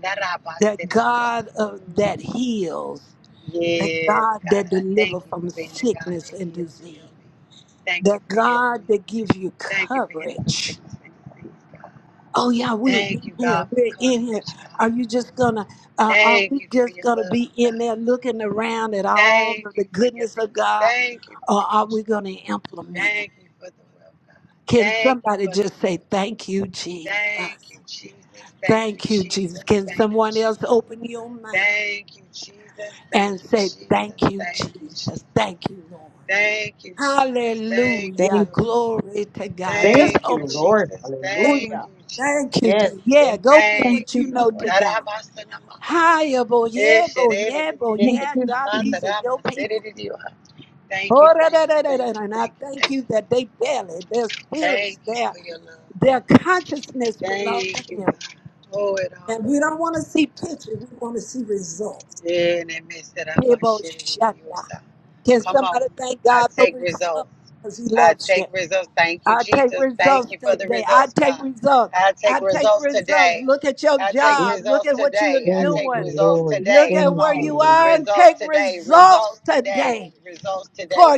[SPEAKER 1] the
[SPEAKER 3] Arabasiririyo.
[SPEAKER 1] God of that
[SPEAKER 3] Mm.
[SPEAKER 1] heals, the
[SPEAKER 3] Yes,
[SPEAKER 1] God that
[SPEAKER 3] God. I thank
[SPEAKER 1] delivers
[SPEAKER 3] you
[SPEAKER 1] from
[SPEAKER 3] for being a God that
[SPEAKER 1] sickness and
[SPEAKER 3] heals, heal
[SPEAKER 1] disease,
[SPEAKER 3] me. Thank
[SPEAKER 1] the
[SPEAKER 3] you for healing
[SPEAKER 1] God that
[SPEAKER 3] me.
[SPEAKER 1] gives you
[SPEAKER 3] Thank you for healing for
[SPEAKER 1] coverage
[SPEAKER 3] sickness and disease, God.
[SPEAKER 1] Oh yeah, we're in
[SPEAKER 3] Thank you,
[SPEAKER 1] here.
[SPEAKER 3] God,
[SPEAKER 1] We're
[SPEAKER 3] for
[SPEAKER 1] in here.
[SPEAKER 3] coverage, God.
[SPEAKER 1] Are you just gonna? Uh, are
[SPEAKER 3] Thank
[SPEAKER 1] we
[SPEAKER 3] you for
[SPEAKER 1] just
[SPEAKER 3] your
[SPEAKER 1] gonna
[SPEAKER 3] love,
[SPEAKER 1] be in
[SPEAKER 3] God.
[SPEAKER 1] there looking around at all
[SPEAKER 3] Thank
[SPEAKER 1] of the
[SPEAKER 3] you for your
[SPEAKER 1] goodness of
[SPEAKER 3] peace.
[SPEAKER 1] God,
[SPEAKER 3] Thank you for
[SPEAKER 1] or
[SPEAKER 3] your
[SPEAKER 1] are we
[SPEAKER 3] joy.
[SPEAKER 1] gonna implement Him?
[SPEAKER 3] Thank you for the wealth, God.
[SPEAKER 1] Can
[SPEAKER 3] Thank you
[SPEAKER 1] somebody
[SPEAKER 3] for the
[SPEAKER 1] just say
[SPEAKER 3] love.
[SPEAKER 1] thank you, Jesus?
[SPEAKER 3] Thank you, Jesus. Thank you,
[SPEAKER 1] Thank you, Jesus.
[SPEAKER 3] Jesus.
[SPEAKER 1] Can
[SPEAKER 3] Thank you,
[SPEAKER 1] someone
[SPEAKER 3] Jesus.
[SPEAKER 1] else open your mouth
[SPEAKER 3] Thank you, Jesus.
[SPEAKER 1] and
[SPEAKER 3] Thank you,
[SPEAKER 1] say
[SPEAKER 3] Jesus.
[SPEAKER 1] thank you,
[SPEAKER 3] Thank you,
[SPEAKER 1] Jesus?
[SPEAKER 3] Jesus.
[SPEAKER 1] Thank you, Lord.
[SPEAKER 3] Thank you, Jesus. Thank you,
[SPEAKER 7] Thank,
[SPEAKER 1] Hallelujah.
[SPEAKER 3] Lord.
[SPEAKER 1] Glory to God.
[SPEAKER 7] thank
[SPEAKER 1] Just
[SPEAKER 3] Thank you,
[SPEAKER 7] you,
[SPEAKER 1] open your.
[SPEAKER 7] Lord.
[SPEAKER 3] Jesus. Thank
[SPEAKER 4] Lord.
[SPEAKER 7] Hallelujah.
[SPEAKER 3] you, Jesus.
[SPEAKER 1] Thank you,
[SPEAKER 7] Yes,
[SPEAKER 1] Jesus. Yeah,
[SPEAKER 7] thank
[SPEAKER 1] go with
[SPEAKER 4] Thank
[SPEAKER 3] Thank
[SPEAKER 1] what
[SPEAKER 4] you,
[SPEAKER 1] you
[SPEAKER 3] you,
[SPEAKER 1] know
[SPEAKER 3] Lord.
[SPEAKER 1] to
[SPEAKER 4] Father.
[SPEAKER 1] God.
[SPEAKER 3] Arabasanama.
[SPEAKER 1] Hiya, boy, yeah, boy, yeah, boy,
[SPEAKER 4] Thank
[SPEAKER 1] yeah,
[SPEAKER 4] you
[SPEAKER 1] God,
[SPEAKER 4] for your
[SPEAKER 1] these are your
[SPEAKER 3] Eshererererisikanamatarama.
[SPEAKER 1] people.
[SPEAKER 3] Serererioha. Thank you,
[SPEAKER 1] Oh, da, da,
[SPEAKER 3] thank you,
[SPEAKER 1] da, da, da,
[SPEAKER 3] thank
[SPEAKER 1] da.
[SPEAKER 3] you,
[SPEAKER 1] And I
[SPEAKER 3] thank you,
[SPEAKER 1] thank
[SPEAKER 3] thank you.
[SPEAKER 1] you that they belly, their spirits,
[SPEAKER 3] Thank you
[SPEAKER 1] their
[SPEAKER 3] for your love, God.
[SPEAKER 1] their consciousness belong to
[SPEAKER 3] Thank you,
[SPEAKER 1] Him.
[SPEAKER 3] God. Oh, it all
[SPEAKER 1] And we don't
[SPEAKER 3] belongs
[SPEAKER 1] want
[SPEAKER 3] to
[SPEAKER 1] to
[SPEAKER 3] you,
[SPEAKER 1] see
[SPEAKER 3] God.
[SPEAKER 1] pictures, we want to see results.
[SPEAKER 3] Yeah, and it makes it
[SPEAKER 1] Hey, boy, shanda.
[SPEAKER 3] up.
[SPEAKER 1] Can
[SPEAKER 3] Come on.
[SPEAKER 1] somebody thank
[SPEAKER 3] I
[SPEAKER 1] God for
[SPEAKER 3] take
[SPEAKER 1] results
[SPEAKER 3] results.
[SPEAKER 1] because He
[SPEAKER 3] I
[SPEAKER 1] loves you?
[SPEAKER 3] take results. Thank you,
[SPEAKER 1] I take
[SPEAKER 3] Jesus. Thank
[SPEAKER 1] results
[SPEAKER 3] you for the
[SPEAKER 1] today. I
[SPEAKER 3] results,
[SPEAKER 1] take
[SPEAKER 3] God.
[SPEAKER 1] results.
[SPEAKER 3] I
[SPEAKER 1] I
[SPEAKER 3] take
[SPEAKER 1] take
[SPEAKER 3] results
[SPEAKER 1] results.
[SPEAKER 3] today.
[SPEAKER 1] Look at your
[SPEAKER 3] I take
[SPEAKER 7] you.
[SPEAKER 1] job. Look
[SPEAKER 3] results
[SPEAKER 1] at what you're
[SPEAKER 3] today. I
[SPEAKER 7] Thank
[SPEAKER 3] take
[SPEAKER 7] you,
[SPEAKER 1] doing.
[SPEAKER 3] results
[SPEAKER 7] Lord.
[SPEAKER 1] Look
[SPEAKER 3] today.
[SPEAKER 1] at
[SPEAKER 3] Come
[SPEAKER 7] Thank
[SPEAKER 1] where
[SPEAKER 3] on.
[SPEAKER 7] you,
[SPEAKER 1] you
[SPEAKER 7] Lord.
[SPEAKER 1] are and
[SPEAKER 3] Results
[SPEAKER 1] take
[SPEAKER 3] today.
[SPEAKER 1] results
[SPEAKER 3] Results today.
[SPEAKER 1] today
[SPEAKER 3] Results
[SPEAKER 1] for
[SPEAKER 3] today.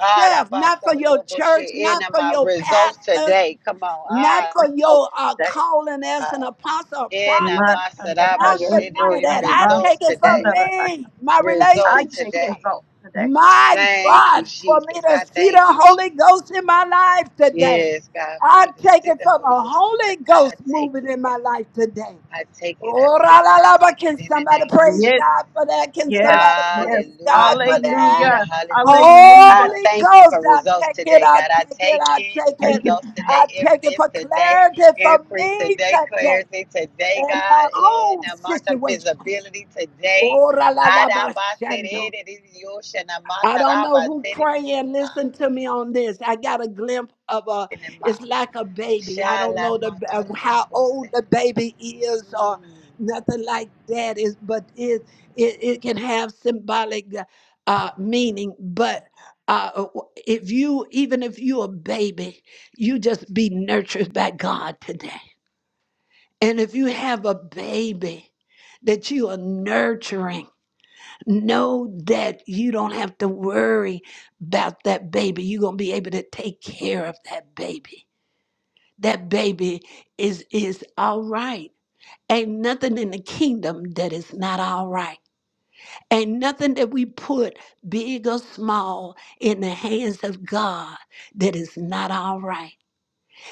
[SPEAKER 3] Ah, da ba
[SPEAKER 1] not for
[SPEAKER 3] so
[SPEAKER 1] your
[SPEAKER 3] ro bo
[SPEAKER 1] church,
[SPEAKER 3] she. In
[SPEAKER 1] not for
[SPEAKER 3] my
[SPEAKER 1] your
[SPEAKER 3] results
[SPEAKER 1] pastors,
[SPEAKER 3] today. Come on.
[SPEAKER 1] not
[SPEAKER 4] big
[SPEAKER 3] Ah,
[SPEAKER 1] for
[SPEAKER 4] result
[SPEAKER 1] your uh,
[SPEAKER 4] today.
[SPEAKER 1] calling as an
[SPEAKER 3] God.
[SPEAKER 1] apostle or
[SPEAKER 3] in
[SPEAKER 1] prophet,
[SPEAKER 3] my sadaba
[SPEAKER 1] not for
[SPEAKER 4] Masandakaya,
[SPEAKER 3] shit.
[SPEAKER 1] none of
[SPEAKER 4] Lord,
[SPEAKER 1] that. I take
[SPEAKER 3] Results
[SPEAKER 1] it for
[SPEAKER 3] today.
[SPEAKER 4] Yamasandalabaka.
[SPEAKER 1] me, my
[SPEAKER 4] I
[SPEAKER 3] Results
[SPEAKER 4] take
[SPEAKER 1] relationship.
[SPEAKER 3] today.
[SPEAKER 4] results today.
[SPEAKER 1] My
[SPEAKER 3] Thank you,
[SPEAKER 1] God, for me
[SPEAKER 3] Jesus.
[SPEAKER 1] to
[SPEAKER 3] I
[SPEAKER 1] see the
[SPEAKER 3] thank you,
[SPEAKER 1] Holy
[SPEAKER 3] Jesus.
[SPEAKER 1] Ghost in my life today.
[SPEAKER 3] Yes, God, for
[SPEAKER 1] I
[SPEAKER 3] me to
[SPEAKER 1] take
[SPEAKER 3] see
[SPEAKER 1] it
[SPEAKER 3] the
[SPEAKER 1] for
[SPEAKER 3] Holy
[SPEAKER 1] the
[SPEAKER 3] Ghost in my
[SPEAKER 1] Holy
[SPEAKER 3] life, I
[SPEAKER 1] Ghost
[SPEAKER 3] take
[SPEAKER 1] moving
[SPEAKER 3] it,
[SPEAKER 1] in
[SPEAKER 3] God.
[SPEAKER 1] my life today.
[SPEAKER 3] I take it, I
[SPEAKER 1] Oh, la,
[SPEAKER 3] take it,
[SPEAKER 1] la,
[SPEAKER 3] I
[SPEAKER 1] la, but
[SPEAKER 3] take
[SPEAKER 1] can
[SPEAKER 3] it in the
[SPEAKER 1] somebody
[SPEAKER 3] name of
[SPEAKER 1] praise
[SPEAKER 3] Jesus.
[SPEAKER 4] Yes,
[SPEAKER 1] God for that? Can
[SPEAKER 4] yes,
[SPEAKER 1] somebody
[SPEAKER 4] yes.
[SPEAKER 1] praise
[SPEAKER 3] Hallelujah,
[SPEAKER 1] God for that?
[SPEAKER 3] hallelujah,
[SPEAKER 4] Hallelujah.
[SPEAKER 3] hallelujah. I
[SPEAKER 4] Hallelujah.
[SPEAKER 1] Holy
[SPEAKER 3] thank you
[SPEAKER 1] Ghost,
[SPEAKER 3] for
[SPEAKER 1] I
[SPEAKER 3] results
[SPEAKER 1] take it,
[SPEAKER 3] today,
[SPEAKER 1] I
[SPEAKER 3] God. I
[SPEAKER 1] take it,
[SPEAKER 3] take
[SPEAKER 1] I
[SPEAKER 3] it,
[SPEAKER 1] take
[SPEAKER 4] Take
[SPEAKER 1] it.
[SPEAKER 4] it
[SPEAKER 3] results
[SPEAKER 1] I
[SPEAKER 3] today,
[SPEAKER 1] take it
[SPEAKER 3] evidence
[SPEAKER 1] for
[SPEAKER 3] today,
[SPEAKER 1] clarity for
[SPEAKER 3] increase
[SPEAKER 1] me
[SPEAKER 3] today,
[SPEAKER 1] today
[SPEAKER 3] clarity today,
[SPEAKER 1] in my
[SPEAKER 3] God, in
[SPEAKER 1] own
[SPEAKER 3] the amount of
[SPEAKER 1] situations.
[SPEAKER 3] visibility today.
[SPEAKER 1] Oh, la, la, la, ba, shando.
[SPEAKER 3] Adabaserere, yoshana,
[SPEAKER 1] I don't know
[SPEAKER 3] mataraba,
[SPEAKER 1] who
[SPEAKER 3] serere,
[SPEAKER 1] praying. Listen to me on this. I got a glimpse of a. It's
[SPEAKER 3] yoha.
[SPEAKER 1] like a baby. I don't know the of how
[SPEAKER 3] Shalamatarokose.
[SPEAKER 1] old the baby is or
[SPEAKER 3] Mm.
[SPEAKER 1] nothing like that. Is but it it it can have symbolic uh, meaning. But uh, if you even if you a baby, you just be nurtured by God today. And if you have a baby that you are nurturing. Know that you don't have to worry about that baby. You're going to be able to take care of that baby. That baby is is all right. Ain't nothing in the kingdom that is not all right. Ain't nothing that we put big or small in the hands of God that is not all right.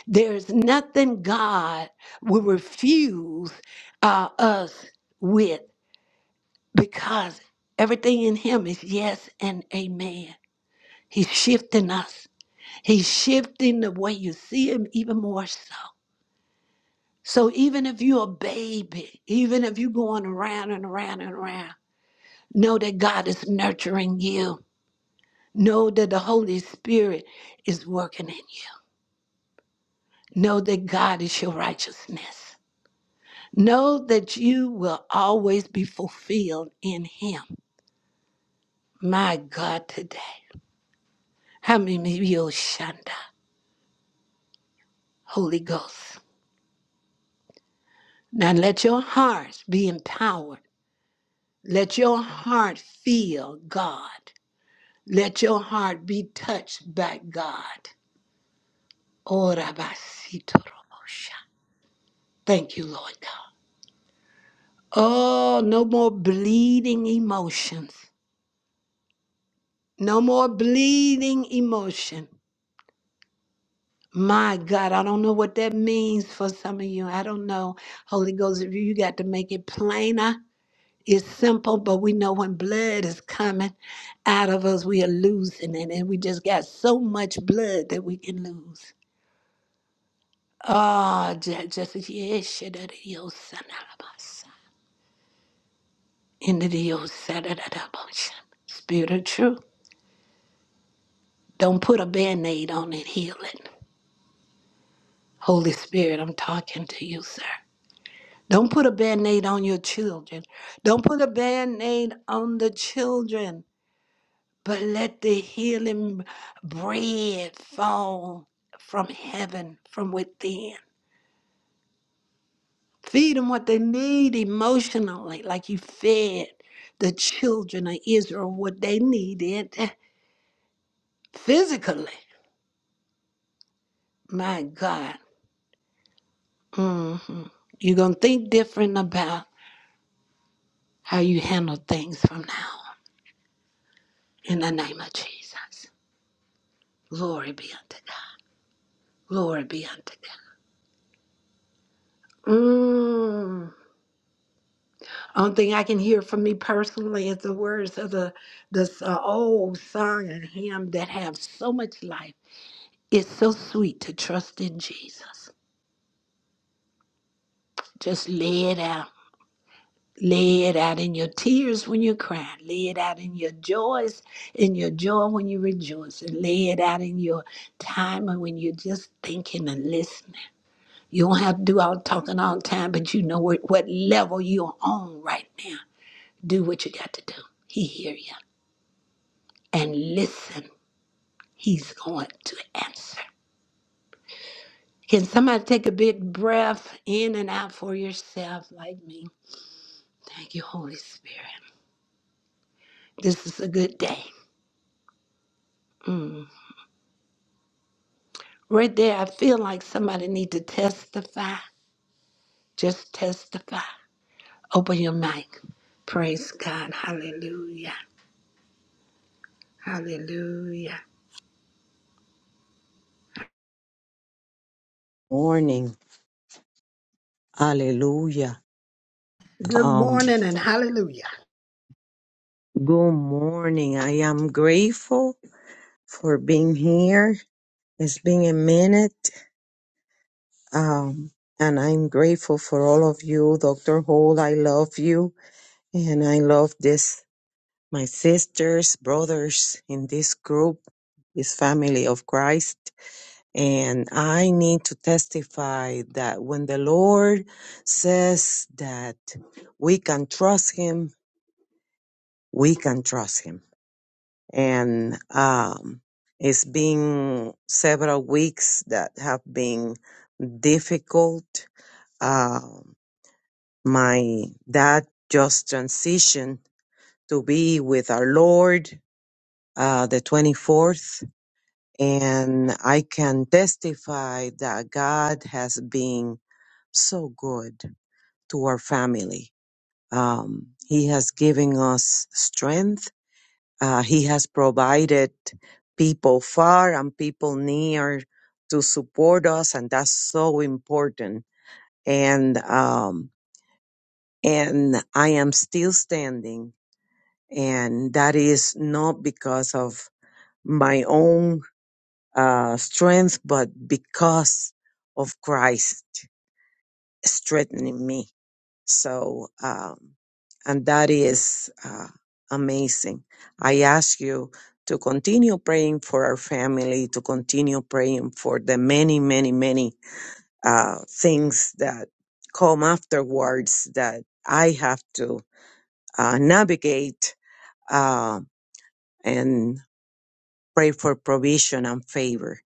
[SPEAKER 1] There is nothing God will refuse uh, us with because everything in Him is yes and amen. He's shifting us. He's shifting the way you see him even more so. So even if you're a baby, even if you're going around and around and around, know that God is nurturing you. Know that the Holy Spirit is working in you. Know that God is your righteousness. Know that you will always be fulfilled in him. My God, today. How many of you, Shanda, Holy Ghost? Now let your hearts be empowered Let your heart feel God. Let your heart be touched by God. Oh, Rabasitoromosha. Thank you, Lord God. Oh, no more bleeding emotions. No more bleeding emotion. My God, I don't know what that means for some of you. I don't know. Holy Ghost, if you you got to make it plainer It's simple, but we know when blood is coming out of us, we are losing it. And we just got so much blood that we can lose. Ah, just, just, yes, into the old motion. Spirit of truth. Don't put a band aid on it, heal it. Holy Spirit, I'm talking to you, sir. Don't put a band aid on your children. Don't put a band aid on the children. but let the healing bread fall from heaven, from within. Feed them what they need emotionally, like you fed the children of Israel what they needed eh, physically. My God. hmm You're going to think different about how you handle things from now on. in the name of Jesus. Glory be unto God. Glory be unto God. Mm. Only thing I can hear from me personally is the words of the this uh, old song and hymn that have so much life. It's so sweet to trust in Jesus. Just lay it out. Lay it out in your tears when you're crying. Lay it out in your joys, in your joy when you rejoice. And lay it out in your time when you're just thinking and listening. You don't have to do all the talking all the time, but you know what, what level you're on right now. Do what you got to do. He hear you. and listen. He's going to answer. Can somebody take a big breath in and out for yourself, like me? Thank you, Holy Spirit. This is a good day. Mm. Right there, I feel like somebody need to testify. Just testify. Open your mic. Praise God. Hallelujah. Hallelujah.
[SPEAKER 7] Morning. Hallelujah.
[SPEAKER 1] Good
[SPEAKER 7] Um,
[SPEAKER 1] morning and hallelujah.
[SPEAKER 7] good morning. I am grateful for being here. It's been a minute. Um, and I'm grateful for all of you. Dr. Hall, I love you. And I love this, my sisters, brothers in this group, this family of Christ. And I need to testify that when the Lord says that we can trust Him, we can trust Him. And um, it's been several weeks that have been difficult. Um, my dad just transitioned to be with our Lord uh, the 24th. And I can testify that God has been so good to our family. Um, he has given us strength. Uh, he has provided people far and people near to support us, and that's so important. And um, and I am still standing, and that is not because of my own uh, strength, but because of Christ strengthening me So, um, and that is uh, amazing. I ask you to continue praying for our family, to continue praying for the many, many, many uh, things that come afterwards that I have to uh, navigate uh, and pray for provision and favor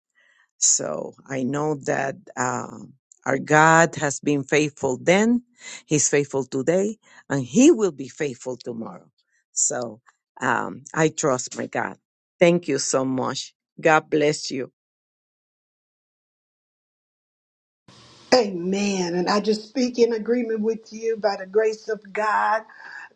[SPEAKER 7] so I know that um, our God has been faithful then, He's faithful today, and He will be faithful tomorrow. So um, I trust my God. Thank you so much. God bless you.
[SPEAKER 1] Amen. And I just speak in agreement with you by the grace of God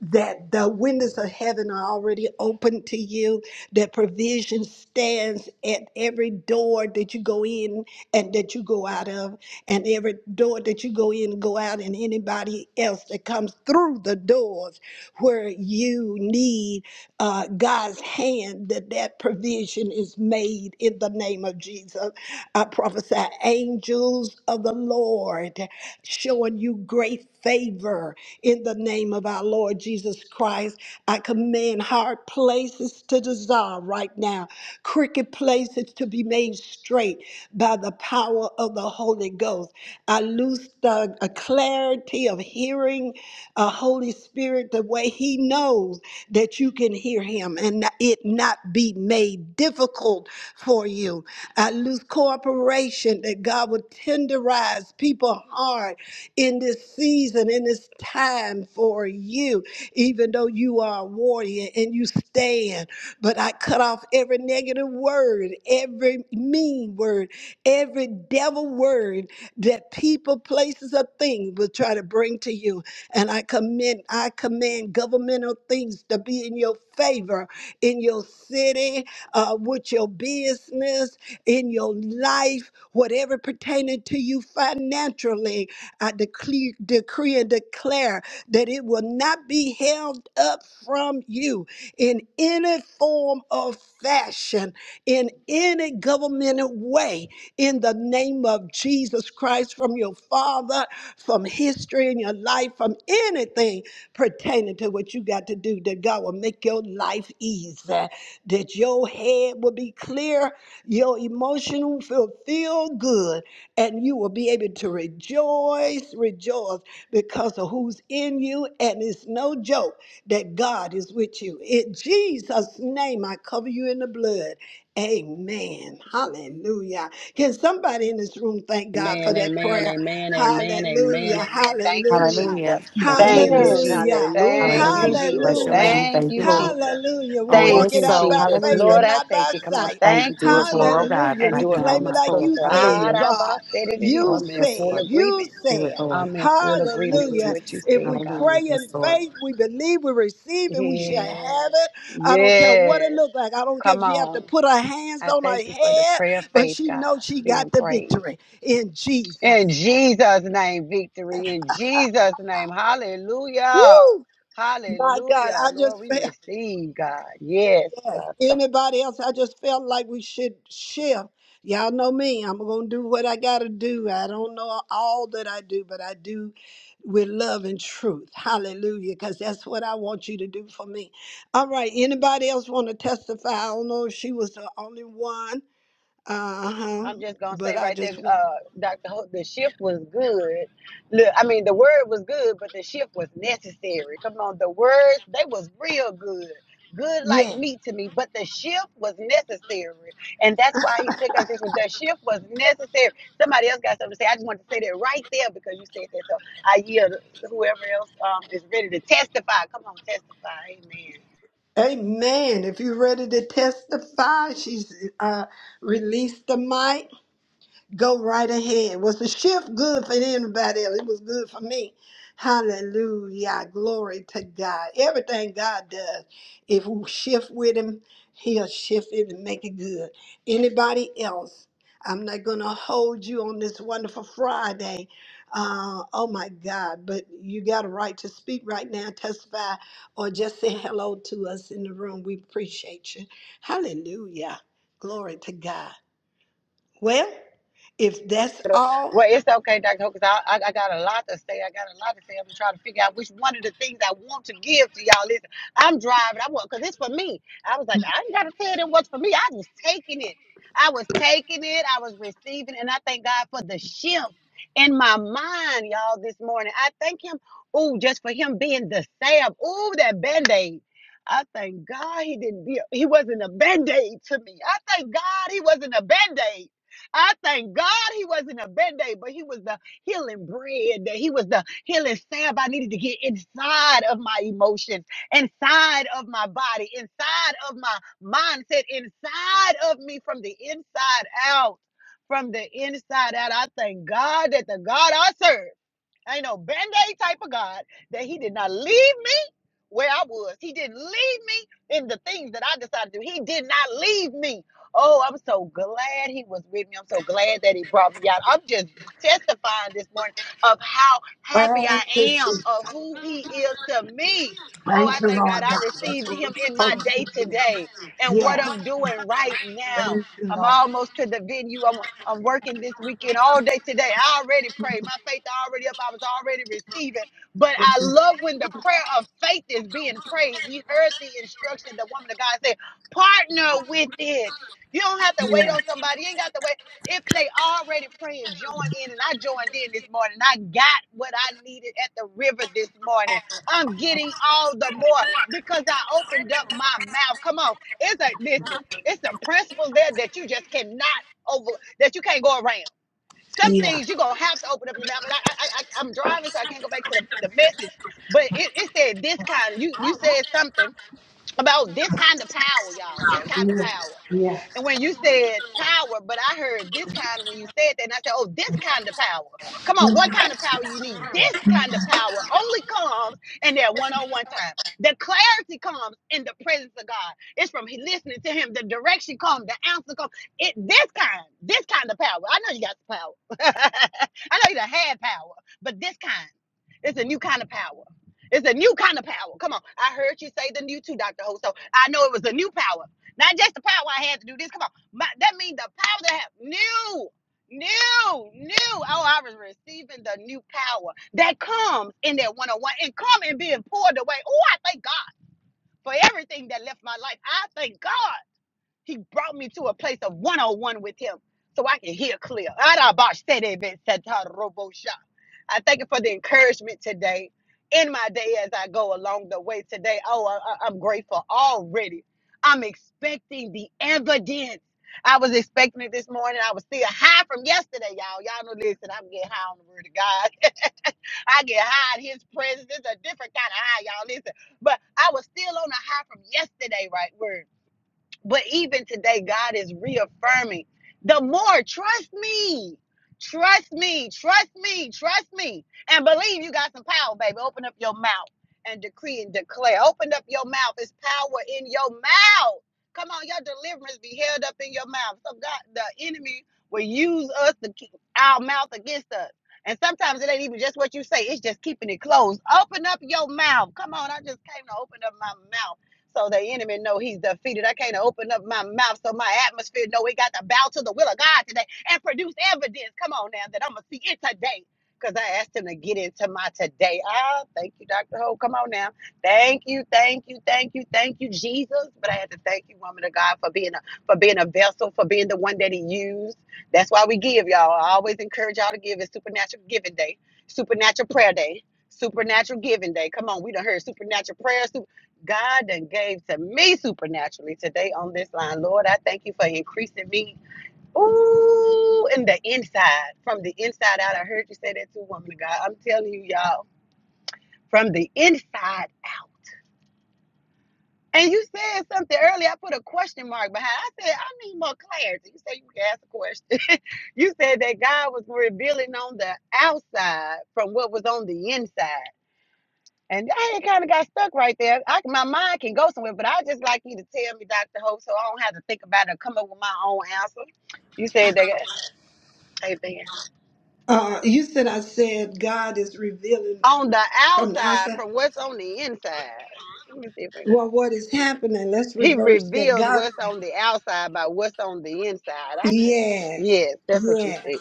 [SPEAKER 1] that the windows of heaven are already open to you, that provision stands at every door that you go in and that you go out of, and every door that you go in and go out, and anybody else that comes through the doors where you need uh, God's hand, that that provision is made in the name of Jesus. I prophesy angels of the Lord showing you great favor in the name of our Lord Jesus Christ. I command hard places to dissolve right now, crooked places to be made straight by the power of the Holy Ghost. I loose the a clarity of hearing a Holy Spirit the way He knows that you can hear Him and it not be made difficult for you. I lose cooperation that God would tenderize people's heart in this season, in this time for you, even though you are a warrior and you stand. But I cut off every negative word, every mean word, every devil word that people, places, or things will try to bring to you. And I commend, I command governmental things to be in your favor in your city, uh, with your business in your life, whatever pertaining to you financially. I decree, decree and declare that it will not be held up from you in any form or fashion, in any governmental way, in the name of Jesus Christ, from your father, from history in your life, from anything pertaining to what you got to do, that God will make your life easy, that your head will be clear your emotion will feel good and you will be able to rejoice, rejoice because of who's in you. And it's no joke that God is with you. In Jesus' name, I cover you in the blood. Amen. Hallelujah. Can somebody in this room thank God for
[SPEAKER 3] Amen,
[SPEAKER 1] that
[SPEAKER 3] amen,
[SPEAKER 1] prayer?
[SPEAKER 3] amen, amen, amen,
[SPEAKER 1] Hallelujah.
[SPEAKER 3] amen. Thank you,
[SPEAKER 1] Hallelujah.
[SPEAKER 5] Hallelujah.
[SPEAKER 3] Jesus.
[SPEAKER 5] Thank you,
[SPEAKER 3] Thank you,
[SPEAKER 7] Amen.
[SPEAKER 5] Jesus.
[SPEAKER 3] Jesus.
[SPEAKER 1] Hallelujah.
[SPEAKER 3] Thank
[SPEAKER 7] Hallelujah.
[SPEAKER 3] you,
[SPEAKER 7] Thank
[SPEAKER 5] Hallelujah.
[SPEAKER 7] you,
[SPEAKER 3] Jesus.
[SPEAKER 5] Bless your
[SPEAKER 7] Lord.
[SPEAKER 1] Hallelujah.
[SPEAKER 5] name.
[SPEAKER 3] Thank
[SPEAKER 5] Thank you,
[SPEAKER 3] you,
[SPEAKER 5] Lord.
[SPEAKER 3] Jesus.
[SPEAKER 1] Hallelujah. We
[SPEAKER 5] Oh, it
[SPEAKER 1] walk
[SPEAKER 3] Thank
[SPEAKER 5] is
[SPEAKER 1] it
[SPEAKER 3] you,
[SPEAKER 1] out
[SPEAKER 5] so.
[SPEAKER 1] by
[SPEAKER 3] Jesus.
[SPEAKER 1] faith
[SPEAKER 5] Hallelujah.
[SPEAKER 3] Lord,
[SPEAKER 1] and
[SPEAKER 3] I
[SPEAKER 1] not
[SPEAKER 3] take
[SPEAKER 1] by
[SPEAKER 3] it. Come on.
[SPEAKER 1] sight.
[SPEAKER 5] Thank
[SPEAKER 3] Thank
[SPEAKER 5] you. Do
[SPEAKER 3] you,
[SPEAKER 5] it for, oh
[SPEAKER 3] Jesus.
[SPEAKER 5] God,
[SPEAKER 1] Hallelujah.
[SPEAKER 3] And
[SPEAKER 1] We
[SPEAKER 5] right
[SPEAKER 3] do it for
[SPEAKER 5] now.
[SPEAKER 1] claim it
[SPEAKER 3] my
[SPEAKER 5] It's
[SPEAKER 1] like
[SPEAKER 5] Lord.
[SPEAKER 1] you
[SPEAKER 3] sister.
[SPEAKER 1] said,
[SPEAKER 5] Hallelujah.
[SPEAKER 3] Araba
[SPEAKER 1] God.
[SPEAKER 3] said it to you.
[SPEAKER 1] You
[SPEAKER 3] I'm
[SPEAKER 5] Oh,
[SPEAKER 3] in
[SPEAKER 5] yes,
[SPEAKER 3] full
[SPEAKER 1] said,
[SPEAKER 5] Lord.
[SPEAKER 1] you
[SPEAKER 3] agreement.
[SPEAKER 5] Do it,
[SPEAKER 1] said.
[SPEAKER 5] Lord.
[SPEAKER 3] I'm in full agreement
[SPEAKER 5] Thank you,
[SPEAKER 3] with
[SPEAKER 1] Hallelujah.
[SPEAKER 3] what you
[SPEAKER 5] Jesus.
[SPEAKER 1] If
[SPEAKER 3] said,
[SPEAKER 1] we
[SPEAKER 3] God.
[SPEAKER 1] pray
[SPEAKER 5] Hallelujah.
[SPEAKER 1] in
[SPEAKER 5] Yes, Lord.
[SPEAKER 1] faith, we believe, we receive, and we shall have
[SPEAKER 3] Yes.
[SPEAKER 1] it. I don't care what
[SPEAKER 3] Yes.
[SPEAKER 1] it looks like. I don't care if
[SPEAKER 3] Come
[SPEAKER 1] she have to
[SPEAKER 3] on.
[SPEAKER 1] put her hands
[SPEAKER 3] I
[SPEAKER 1] on her
[SPEAKER 3] thank you for the
[SPEAKER 1] head,
[SPEAKER 3] prayer of
[SPEAKER 1] but
[SPEAKER 3] faith,
[SPEAKER 1] she
[SPEAKER 3] God,
[SPEAKER 1] knows she got
[SPEAKER 3] being
[SPEAKER 1] the
[SPEAKER 3] prayed.
[SPEAKER 1] victory in
[SPEAKER 3] In
[SPEAKER 1] Jesus' name.
[SPEAKER 3] Jesus' name, victory. In Jesus' name, hallelujah.
[SPEAKER 1] Woo! My God,
[SPEAKER 3] Hallelujah.
[SPEAKER 1] I
[SPEAKER 3] Lord,
[SPEAKER 1] just
[SPEAKER 3] we receive, God. Yes,
[SPEAKER 1] Yes.
[SPEAKER 3] God.
[SPEAKER 1] Anybody else? I just felt like we should shift. Y'all know me. I'm gonna do what I gotta do. I don't know all that I do, but I do with love and truth. Hallelujah. Because that's what I want you to do for me. All right. Anybody else want to testify? I don't know if she was the only one. Uh-huh.
[SPEAKER 3] I'm just gonna
[SPEAKER 1] But
[SPEAKER 3] say
[SPEAKER 1] I
[SPEAKER 3] right there,
[SPEAKER 1] just want
[SPEAKER 3] uh, Doctor Hope, the shift was good. Look, I mean, the word was good, but the shift was necessary. Come on, the words they was real good, good like
[SPEAKER 1] yeah.
[SPEAKER 3] meat to me. But the shift was necessary, and that's why he took us this way. The shift was necessary. Somebody else got something to say. I just wanted to say that right there because you said that. So I yield. Whoever else um, is ready to testify, come on, testify. Amen.
[SPEAKER 1] Amen. If you're ready to testify, she's uh released the mic. Go right ahead. Was the shift good for anybody else? It was good for me. Hallelujah. Glory to God. Everything God does, if we shift with Him, He'll shift it and make it good. Anybody else? I'm not going to hold you on this wonderful Friday. Uh, oh my God. But you got a right to speak right now, testify, or just say hello to us in the room. We appreciate you. Hallelujah. Glory to God. Well, if that's all,
[SPEAKER 3] Well, it's okay, Dr. Because I, I, I got a lot to say. I got a lot to say. I'm trying to figure out which one of the things I want to give to y'all. Listen, I'm driving. I want, because it's for me. I was like, I ain't got to tell them what's for me. I was taking it. I was taking it. I was receiving. And I thank God for the shift in my mind, y'all, this morning. I thank Him, ooh, just for Him being the salve. Ooh, that band aid. I thank God he didn't be, he wasn't a band aid to me. I thank God he wasn't a band aid. I thank God he wasn't a band aid, but he was the healing bread, that he was the healing salve. I needed to get inside of my emotions, inside of my body, inside of my mindset, inside of me from the inside out. From the inside out, I thank God that the God I serve ain't no band aid type of God, that he did not leave me where I was. He didn't leave me in the things that I decided to do. He did not leave me. Oh, I'm so glad he was with me. I'm so glad that he brought me out. I'm just testifying this morning of how happy I am of who he is to me. Oh, I thank God I received him in my day today and what I'm doing right now. I'm almost to the venue. I'm I'm working this weekend all day today. I already prayed. My faith already up. I was already receiving. But I love when the prayer of faith is being prayed. We heard the instruction the woman of God said, partner with it. You don't have to wait on somebody. You ain't got to wait. If they already praying, join in. And I joined in this morning. I got what I needed at the river this morning. I'm getting all the more because I opened up my mouth. Come on. It's a listen, it's a principle there that you just cannot over that you can't go around some
[SPEAKER 1] Yeah,
[SPEAKER 3] things you're gonna have to open up your mouth. And I, I, I I'm driving, so I can't go back to the, the message. But it, it said this kind. you you said something about this kind of power, y'all. This kind of power.
[SPEAKER 1] yeah.
[SPEAKER 3] And when you said power, but I heard this kind when you said that, and I said, oh, this kind of power. Come on, what kind of power you need? This kind of power only comes in that one-on-one time. The clarity comes in the presence of God. It's from listening to Him. The direction comes. The answer comes. It this kind, this kind of power. I know you got some power. I know you done had power, but this kind, it's a new kind of power. It's a new kind of power. Come on. I heard you say the new too, Dr. Ho. So I know it was a new power. Not just the power I had to do this. Come on. My, that means the power that I have. New, new, new. Oh, I was receiving the new power that comes in that one on one and come and being poured away. Oh, I thank God for everything that left my life. I thank God. He brought me to a place of one-on-one with him so I can hear clear. I thank you for the encouragement today. In my day as I go along the way today, oh, I, I- I'm grateful already. I'm expecting the evidence. I was expecting it this morning. I was still high from yesterday, y'all. Y'all know, listen, I'm getting high on the word of God. I get high in his presence. It's a different kind of high, y'all. Listen, but I was still on the high from yesterday, right? word. But even today, God is reaffirming the more trust me, trust me, trust me, trust me, and believe you got some power, baby. Open up your mouth and decree and declare. Open up your mouth. It's power in your mouth. Come on, your deliverance be held up in your mouth. So God, the enemy will use us to keep our mouth against us. And sometimes it ain't even just what you say, it's just keeping it closed. Open up your mouth. Come on, I just came to open up my mouth so the enemy know he's defeated. I can't open up my mouth so my atmosphere know we got to bow to the will of God today and produce evidence. Come on now, that I'm gonna see it today. Because I asked him to get into my today. Ah, thank you, Dr. Ho. Come on now. Thank you, thank you, thank you, thank you, Jesus. But I had to thank you, woman of God, for being a for being a vessel, for being the one that he used. That's why we give, y'all. I always encourage y'all to give. It's supernatural giving day, supernatural prayer day, supernatural giving day. Come on, we done heard supernatural prayer, God done gave to me supernaturally today on this line. Lord, I thank you for increasing me. Ooh, in the inside, from the inside out. I heard you say that too, woman of God. I'm telling you, y'all, from the inside out. And you said something earlier. I put a question mark behind. I said, I need more clarity. You said you could ask a question. you said that God was revealing on the outside from what was on the inside. And I kind of got stuck right there. I, my mind can go somewhere, but I just like you to tell me, Dr. Hope, so I don't have to think about it or come up with my own answer. You said that, amen.
[SPEAKER 1] uh, you said I said God is revealing
[SPEAKER 3] On the
[SPEAKER 1] from the
[SPEAKER 3] outside
[SPEAKER 1] outside.
[SPEAKER 3] from what's on the inside. Let me see if I can.
[SPEAKER 1] Well, what is happening? Let's
[SPEAKER 3] He
[SPEAKER 1] reverse that.
[SPEAKER 3] reveals
[SPEAKER 1] God,
[SPEAKER 3] what's on the outside by what's on the inside. I said,
[SPEAKER 1] yes,
[SPEAKER 3] yes, that's what you
[SPEAKER 1] yes,
[SPEAKER 3] said.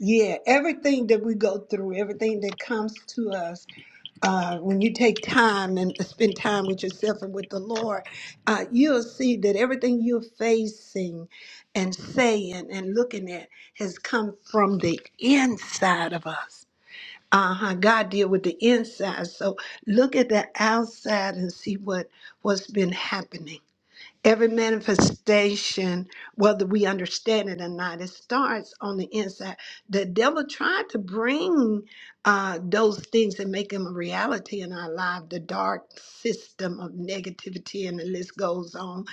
[SPEAKER 1] yeah. Everything that we go through, everything that comes to us, uh, when you take time and spend time with yourself and with the Lord, uh, you'll see that everything you're facing and saying and looking at has come from the inside of us. uh-huh god deal with the inside so look at the outside and see what what's been happening Every manifestation, whether we understand it or not, it starts on the inside. The devil tried to bring uh, those things and make them a reality in our life. The dark system of negativity, and the list goes on.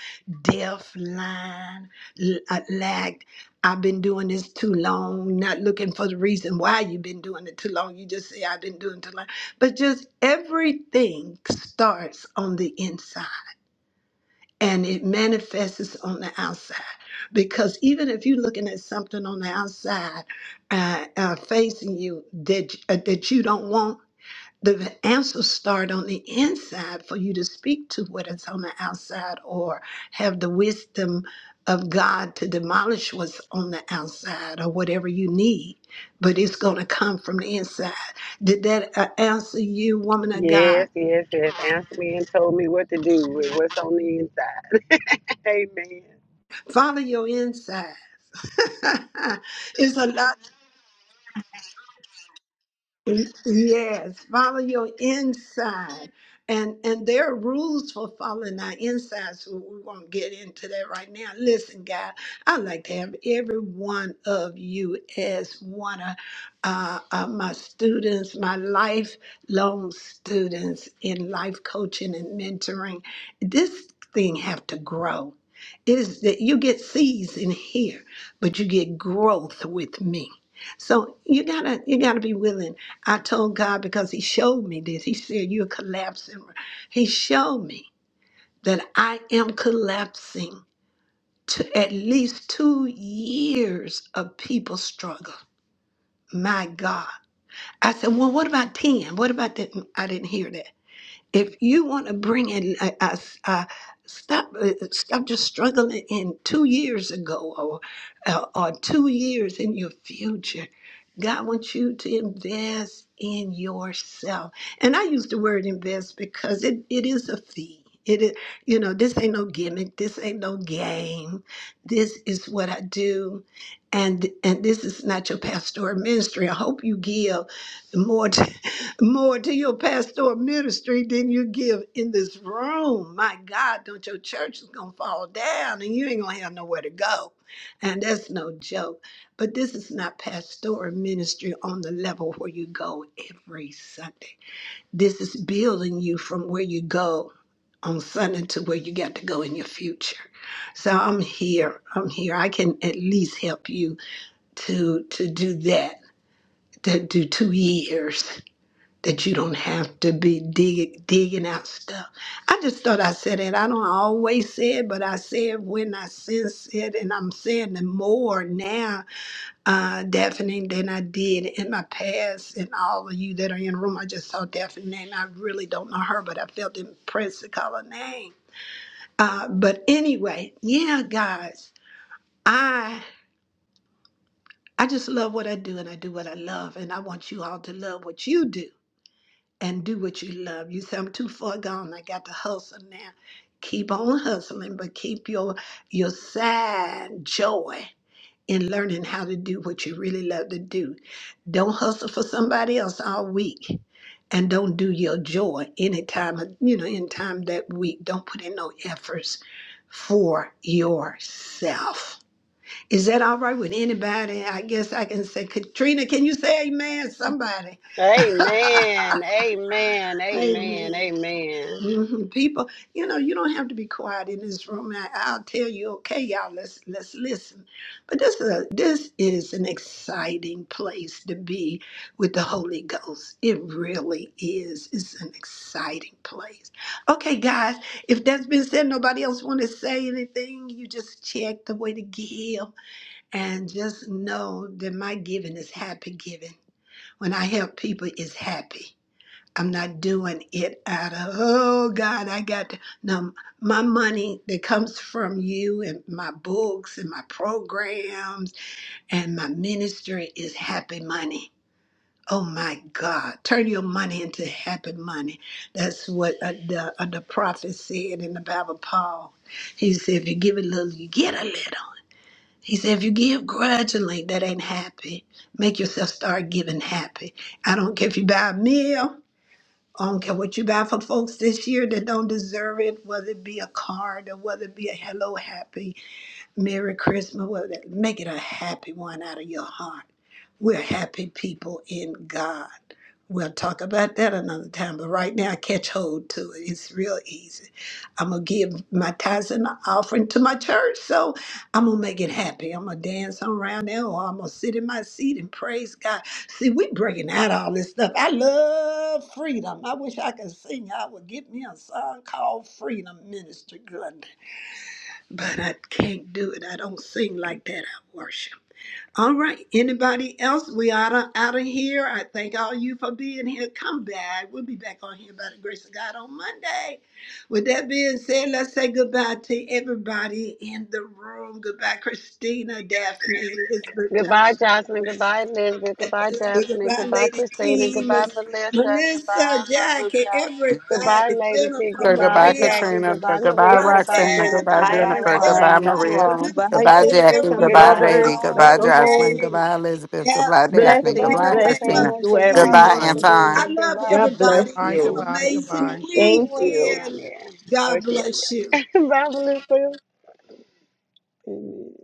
[SPEAKER 1] Deaf, blind, l- uh, lack. I've been doing this too long. Not looking for the reason why you've been doing it too long. You just say I've been doing it too long, but just everything starts on the inside and it manifests on the outside. Because even if you're looking at something on the outside uh, uh, facing you that uh, that you don't want, the answers start on the inside for you to speak to what is on the outside, or have the wisdom of God to demolish what's on the outside, or whatever you need. But it's going to come from the inside. Did that uh, answer you, woman of God?
[SPEAKER 3] Yes, yes, yes. Answer me and told me what to do with what's on the inside. amen.
[SPEAKER 1] Follow your inside. it's a lot Yes, follow your inside. And and there are rules for following our inside, so we won't get into that right now. Listen, God, I'd like to have every one of you as one of uh, uh, my students, my lifelong students in life coaching and mentoring. This thing have to grow. It is that you get seeds in here, but you get growth with me. So you gotta you gotta be willing. I told God because He showed me this. He said, You're collapsing. He showed me that I am collapsing to at least two years of people struggle. My God. I said, Well, what about 10? What about that? I didn't hear that if you want to bring in I, I, I stop uh, stop just struggling in two years ago or uh, or two years in your future god wants you to invest in yourself and i use the word invest because it, it is a fee it is you know this ain't no gimmick this ain't no game this is what i do and and this is not your pastoral ministry i hope you give more More to your pastoral ministry than you give in this room. My God, don't your church is gonna fall down and you ain't gonna have nowhere to go. And that's no joke. But this is not pastoral ministry on the level where you go every Sunday. This is building you from where you go on Sunday to where you got to go in your future. So I'm here. I'm here. I can at least help you to to do that. To do two years that you don't have to be dig, digging out stuff. I just thought I said it. I don't always say it, but I say it when I sense it, and I'm saying it more now, uh, Daphne, than I did in my past. And all of you that are in the room, I just saw Daphne, and I really don't know her, but I felt impressed to call her name. Uh, but anyway, yeah, guys, I I just love what I do, and I do what I love, and I want you all to love what you do. and do what you love. You say I'm too far gone. I got to hustle now. Keep on hustling, but keep your your sad joy in learning how to do what you really love to do. Don't hustle for somebody else all week, and don't do your joy any time of- you know in time that week. Don't put in no efforts for yourself. Is that all right with anybody? I guess I can say, Katrina, can you say amen? Somebody.
[SPEAKER 3] Amen. Amen.
[SPEAKER 1] Amen.
[SPEAKER 3] Amen. Amen.
[SPEAKER 1] Mhm. People, you know, you don't have to be quiet in this room. I, I'll tell you, okay, y'all, let's let's listen. But this is a, this is an exciting place to be with the Holy Ghost. It really is. It's an exciting place. Okay, guys, if that's been said, nobody else want to say anything. You just check the way to give, and just know that my giving is happy giving. When I help people, it's happy. I'm not doing it out of, oh God, I got to, no, my money that comes from you and my books and my programs and my ministry is happy money. Oh my God, turn your money into happy money. That's what uh, the, uh, the prophet said in the Bible, Paul. He said, if you give a little, you get a little. He said, if you give grudgingly, that ain't happy. Make yourself start giving happy. I don't care if you buy a meal. Um, and what you got for folks this year that don't deserve it, whether it be a card or whether it be a hello happy, Merry Christmas. Well, Make it a happy one out of your heart. We're happy people in God. We'll talk about that another time, but right now catch hold to it. It's real easy. I'm going to give my tithes and offering to my church, so I'm going to make it happy. I'm going to dance around there or I'm going to sit in my seat and praise God. See, we breaking out all this stuff. I love freedom. I wish I could sing. I would give me a song called Freedom Ministry but I can't do it. I don't sing like that. I worship. All right. Anybody else? We out of out of here. I thank all you for being here. Come back. We'll be back on here by the grace of God on Monday. With that being said, let's say goodbye to everybody in the room. Goodbye, Christina, Daphne, Elizabeth,
[SPEAKER 3] Goodbye,
[SPEAKER 1] John.
[SPEAKER 3] Jocelyn. Goodbye, Elizabeth. Goodbye, Daphne.
[SPEAKER 1] My
[SPEAKER 3] Goodbye,
[SPEAKER 1] Lady
[SPEAKER 3] Christina.
[SPEAKER 1] team,
[SPEAKER 3] Goodbye, Melissa.
[SPEAKER 1] Melissa,
[SPEAKER 3] Goodbye,
[SPEAKER 1] Jackie,
[SPEAKER 3] Baruka. Goodbye,
[SPEAKER 1] everybody,
[SPEAKER 3] Lady T.
[SPEAKER 1] Jennifer,
[SPEAKER 6] So
[SPEAKER 3] Goodbye,
[SPEAKER 6] goodbye,
[SPEAKER 1] Maria,
[SPEAKER 3] Jackie.
[SPEAKER 1] Ro-
[SPEAKER 6] Katrina. So
[SPEAKER 3] Goodbye,
[SPEAKER 6] goodbye,
[SPEAKER 3] Maria. Goodbye,
[SPEAKER 6] Roxanne.
[SPEAKER 3] Jennifer.
[SPEAKER 6] Goodbye,
[SPEAKER 5] Hi,
[SPEAKER 1] Roxana,
[SPEAKER 3] Goodbye,
[SPEAKER 6] Jennifer. Goodbye,
[SPEAKER 5] everyone.
[SPEAKER 3] Roxana.
[SPEAKER 5] Love you
[SPEAKER 6] Maria.
[SPEAKER 1] everybody,
[SPEAKER 5] all.
[SPEAKER 1] Minister
[SPEAKER 6] Goodbye,
[SPEAKER 1] Glenn,
[SPEAKER 6] Jackie.
[SPEAKER 1] everybody, I
[SPEAKER 6] Goodbye,
[SPEAKER 1] didn't
[SPEAKER 5] Bye.
[SPEAKER 6] Lady.
[SPEAKER 1] call
[SPEAKER 6] Goodbye,
[SPEAKER 1] your
[SPEAKER 3] Goodbye.
[SPEAKER 6] Jocelyn.
[SPEAKER 1] name.
[SPEAKER 6] Goodbye, Elizabeth. Goodbye,
[SPEAKER 1] Esther,
[SPEAKER 6] Daphne.
[SPEAKER 1] in
[SPEAKER 3] Goodbye,
[SPEAKER 7] Blessings,
[SPEAKER 1] the
[SPEAKER 6] Goodbye,
[SPEAKER 1] name of
[SPEAKER 7] blessings
[SPEAKER 6] Christina.
[SPEAKER 3] Roxana.
[SPEAKER 7] to
[SPEAKER 3] Goodbye,
[SPEAKER 1] Jesus.
[SPEAKER 6] Goodbye,
[SPEAKER 3] Minister
[SPEAKER 7] everyone.
[SPEAKER 6] Anton.
[SPEAKER 1] I
[SPEAKER 3] Glenda.
[SPEAKER 1] love
[SPEAKER 3] Goodbye.
[SPEAKER 7] God bless
[SPEAKER 1] everybody.
[SPEAKER 8] Goodbye,
[SPEAKER 1] Have
[SPEAKER 7] you.
[SPEAKER 1] an
[SPEAKER 8] goodbye,
[SPEAKER 3] This is
[SPEAKER 1] amazing
[SPEAKER 8] goodbye.
[SPEAKER 3] my
[SPEAKER 7] Thank
[SPEAKER 3] voice
[SPEAKER 7] you.
[SPEAKER 3] down
[SPEAKER 1] weekend.
[SPEAKER 3] there. Oh,
[SPEAKER 1] God
[SPEAKER 3] she up
[SPEAKER 1] bless you.
[SPEAKER 3] there. Bye, Melissa. Amen.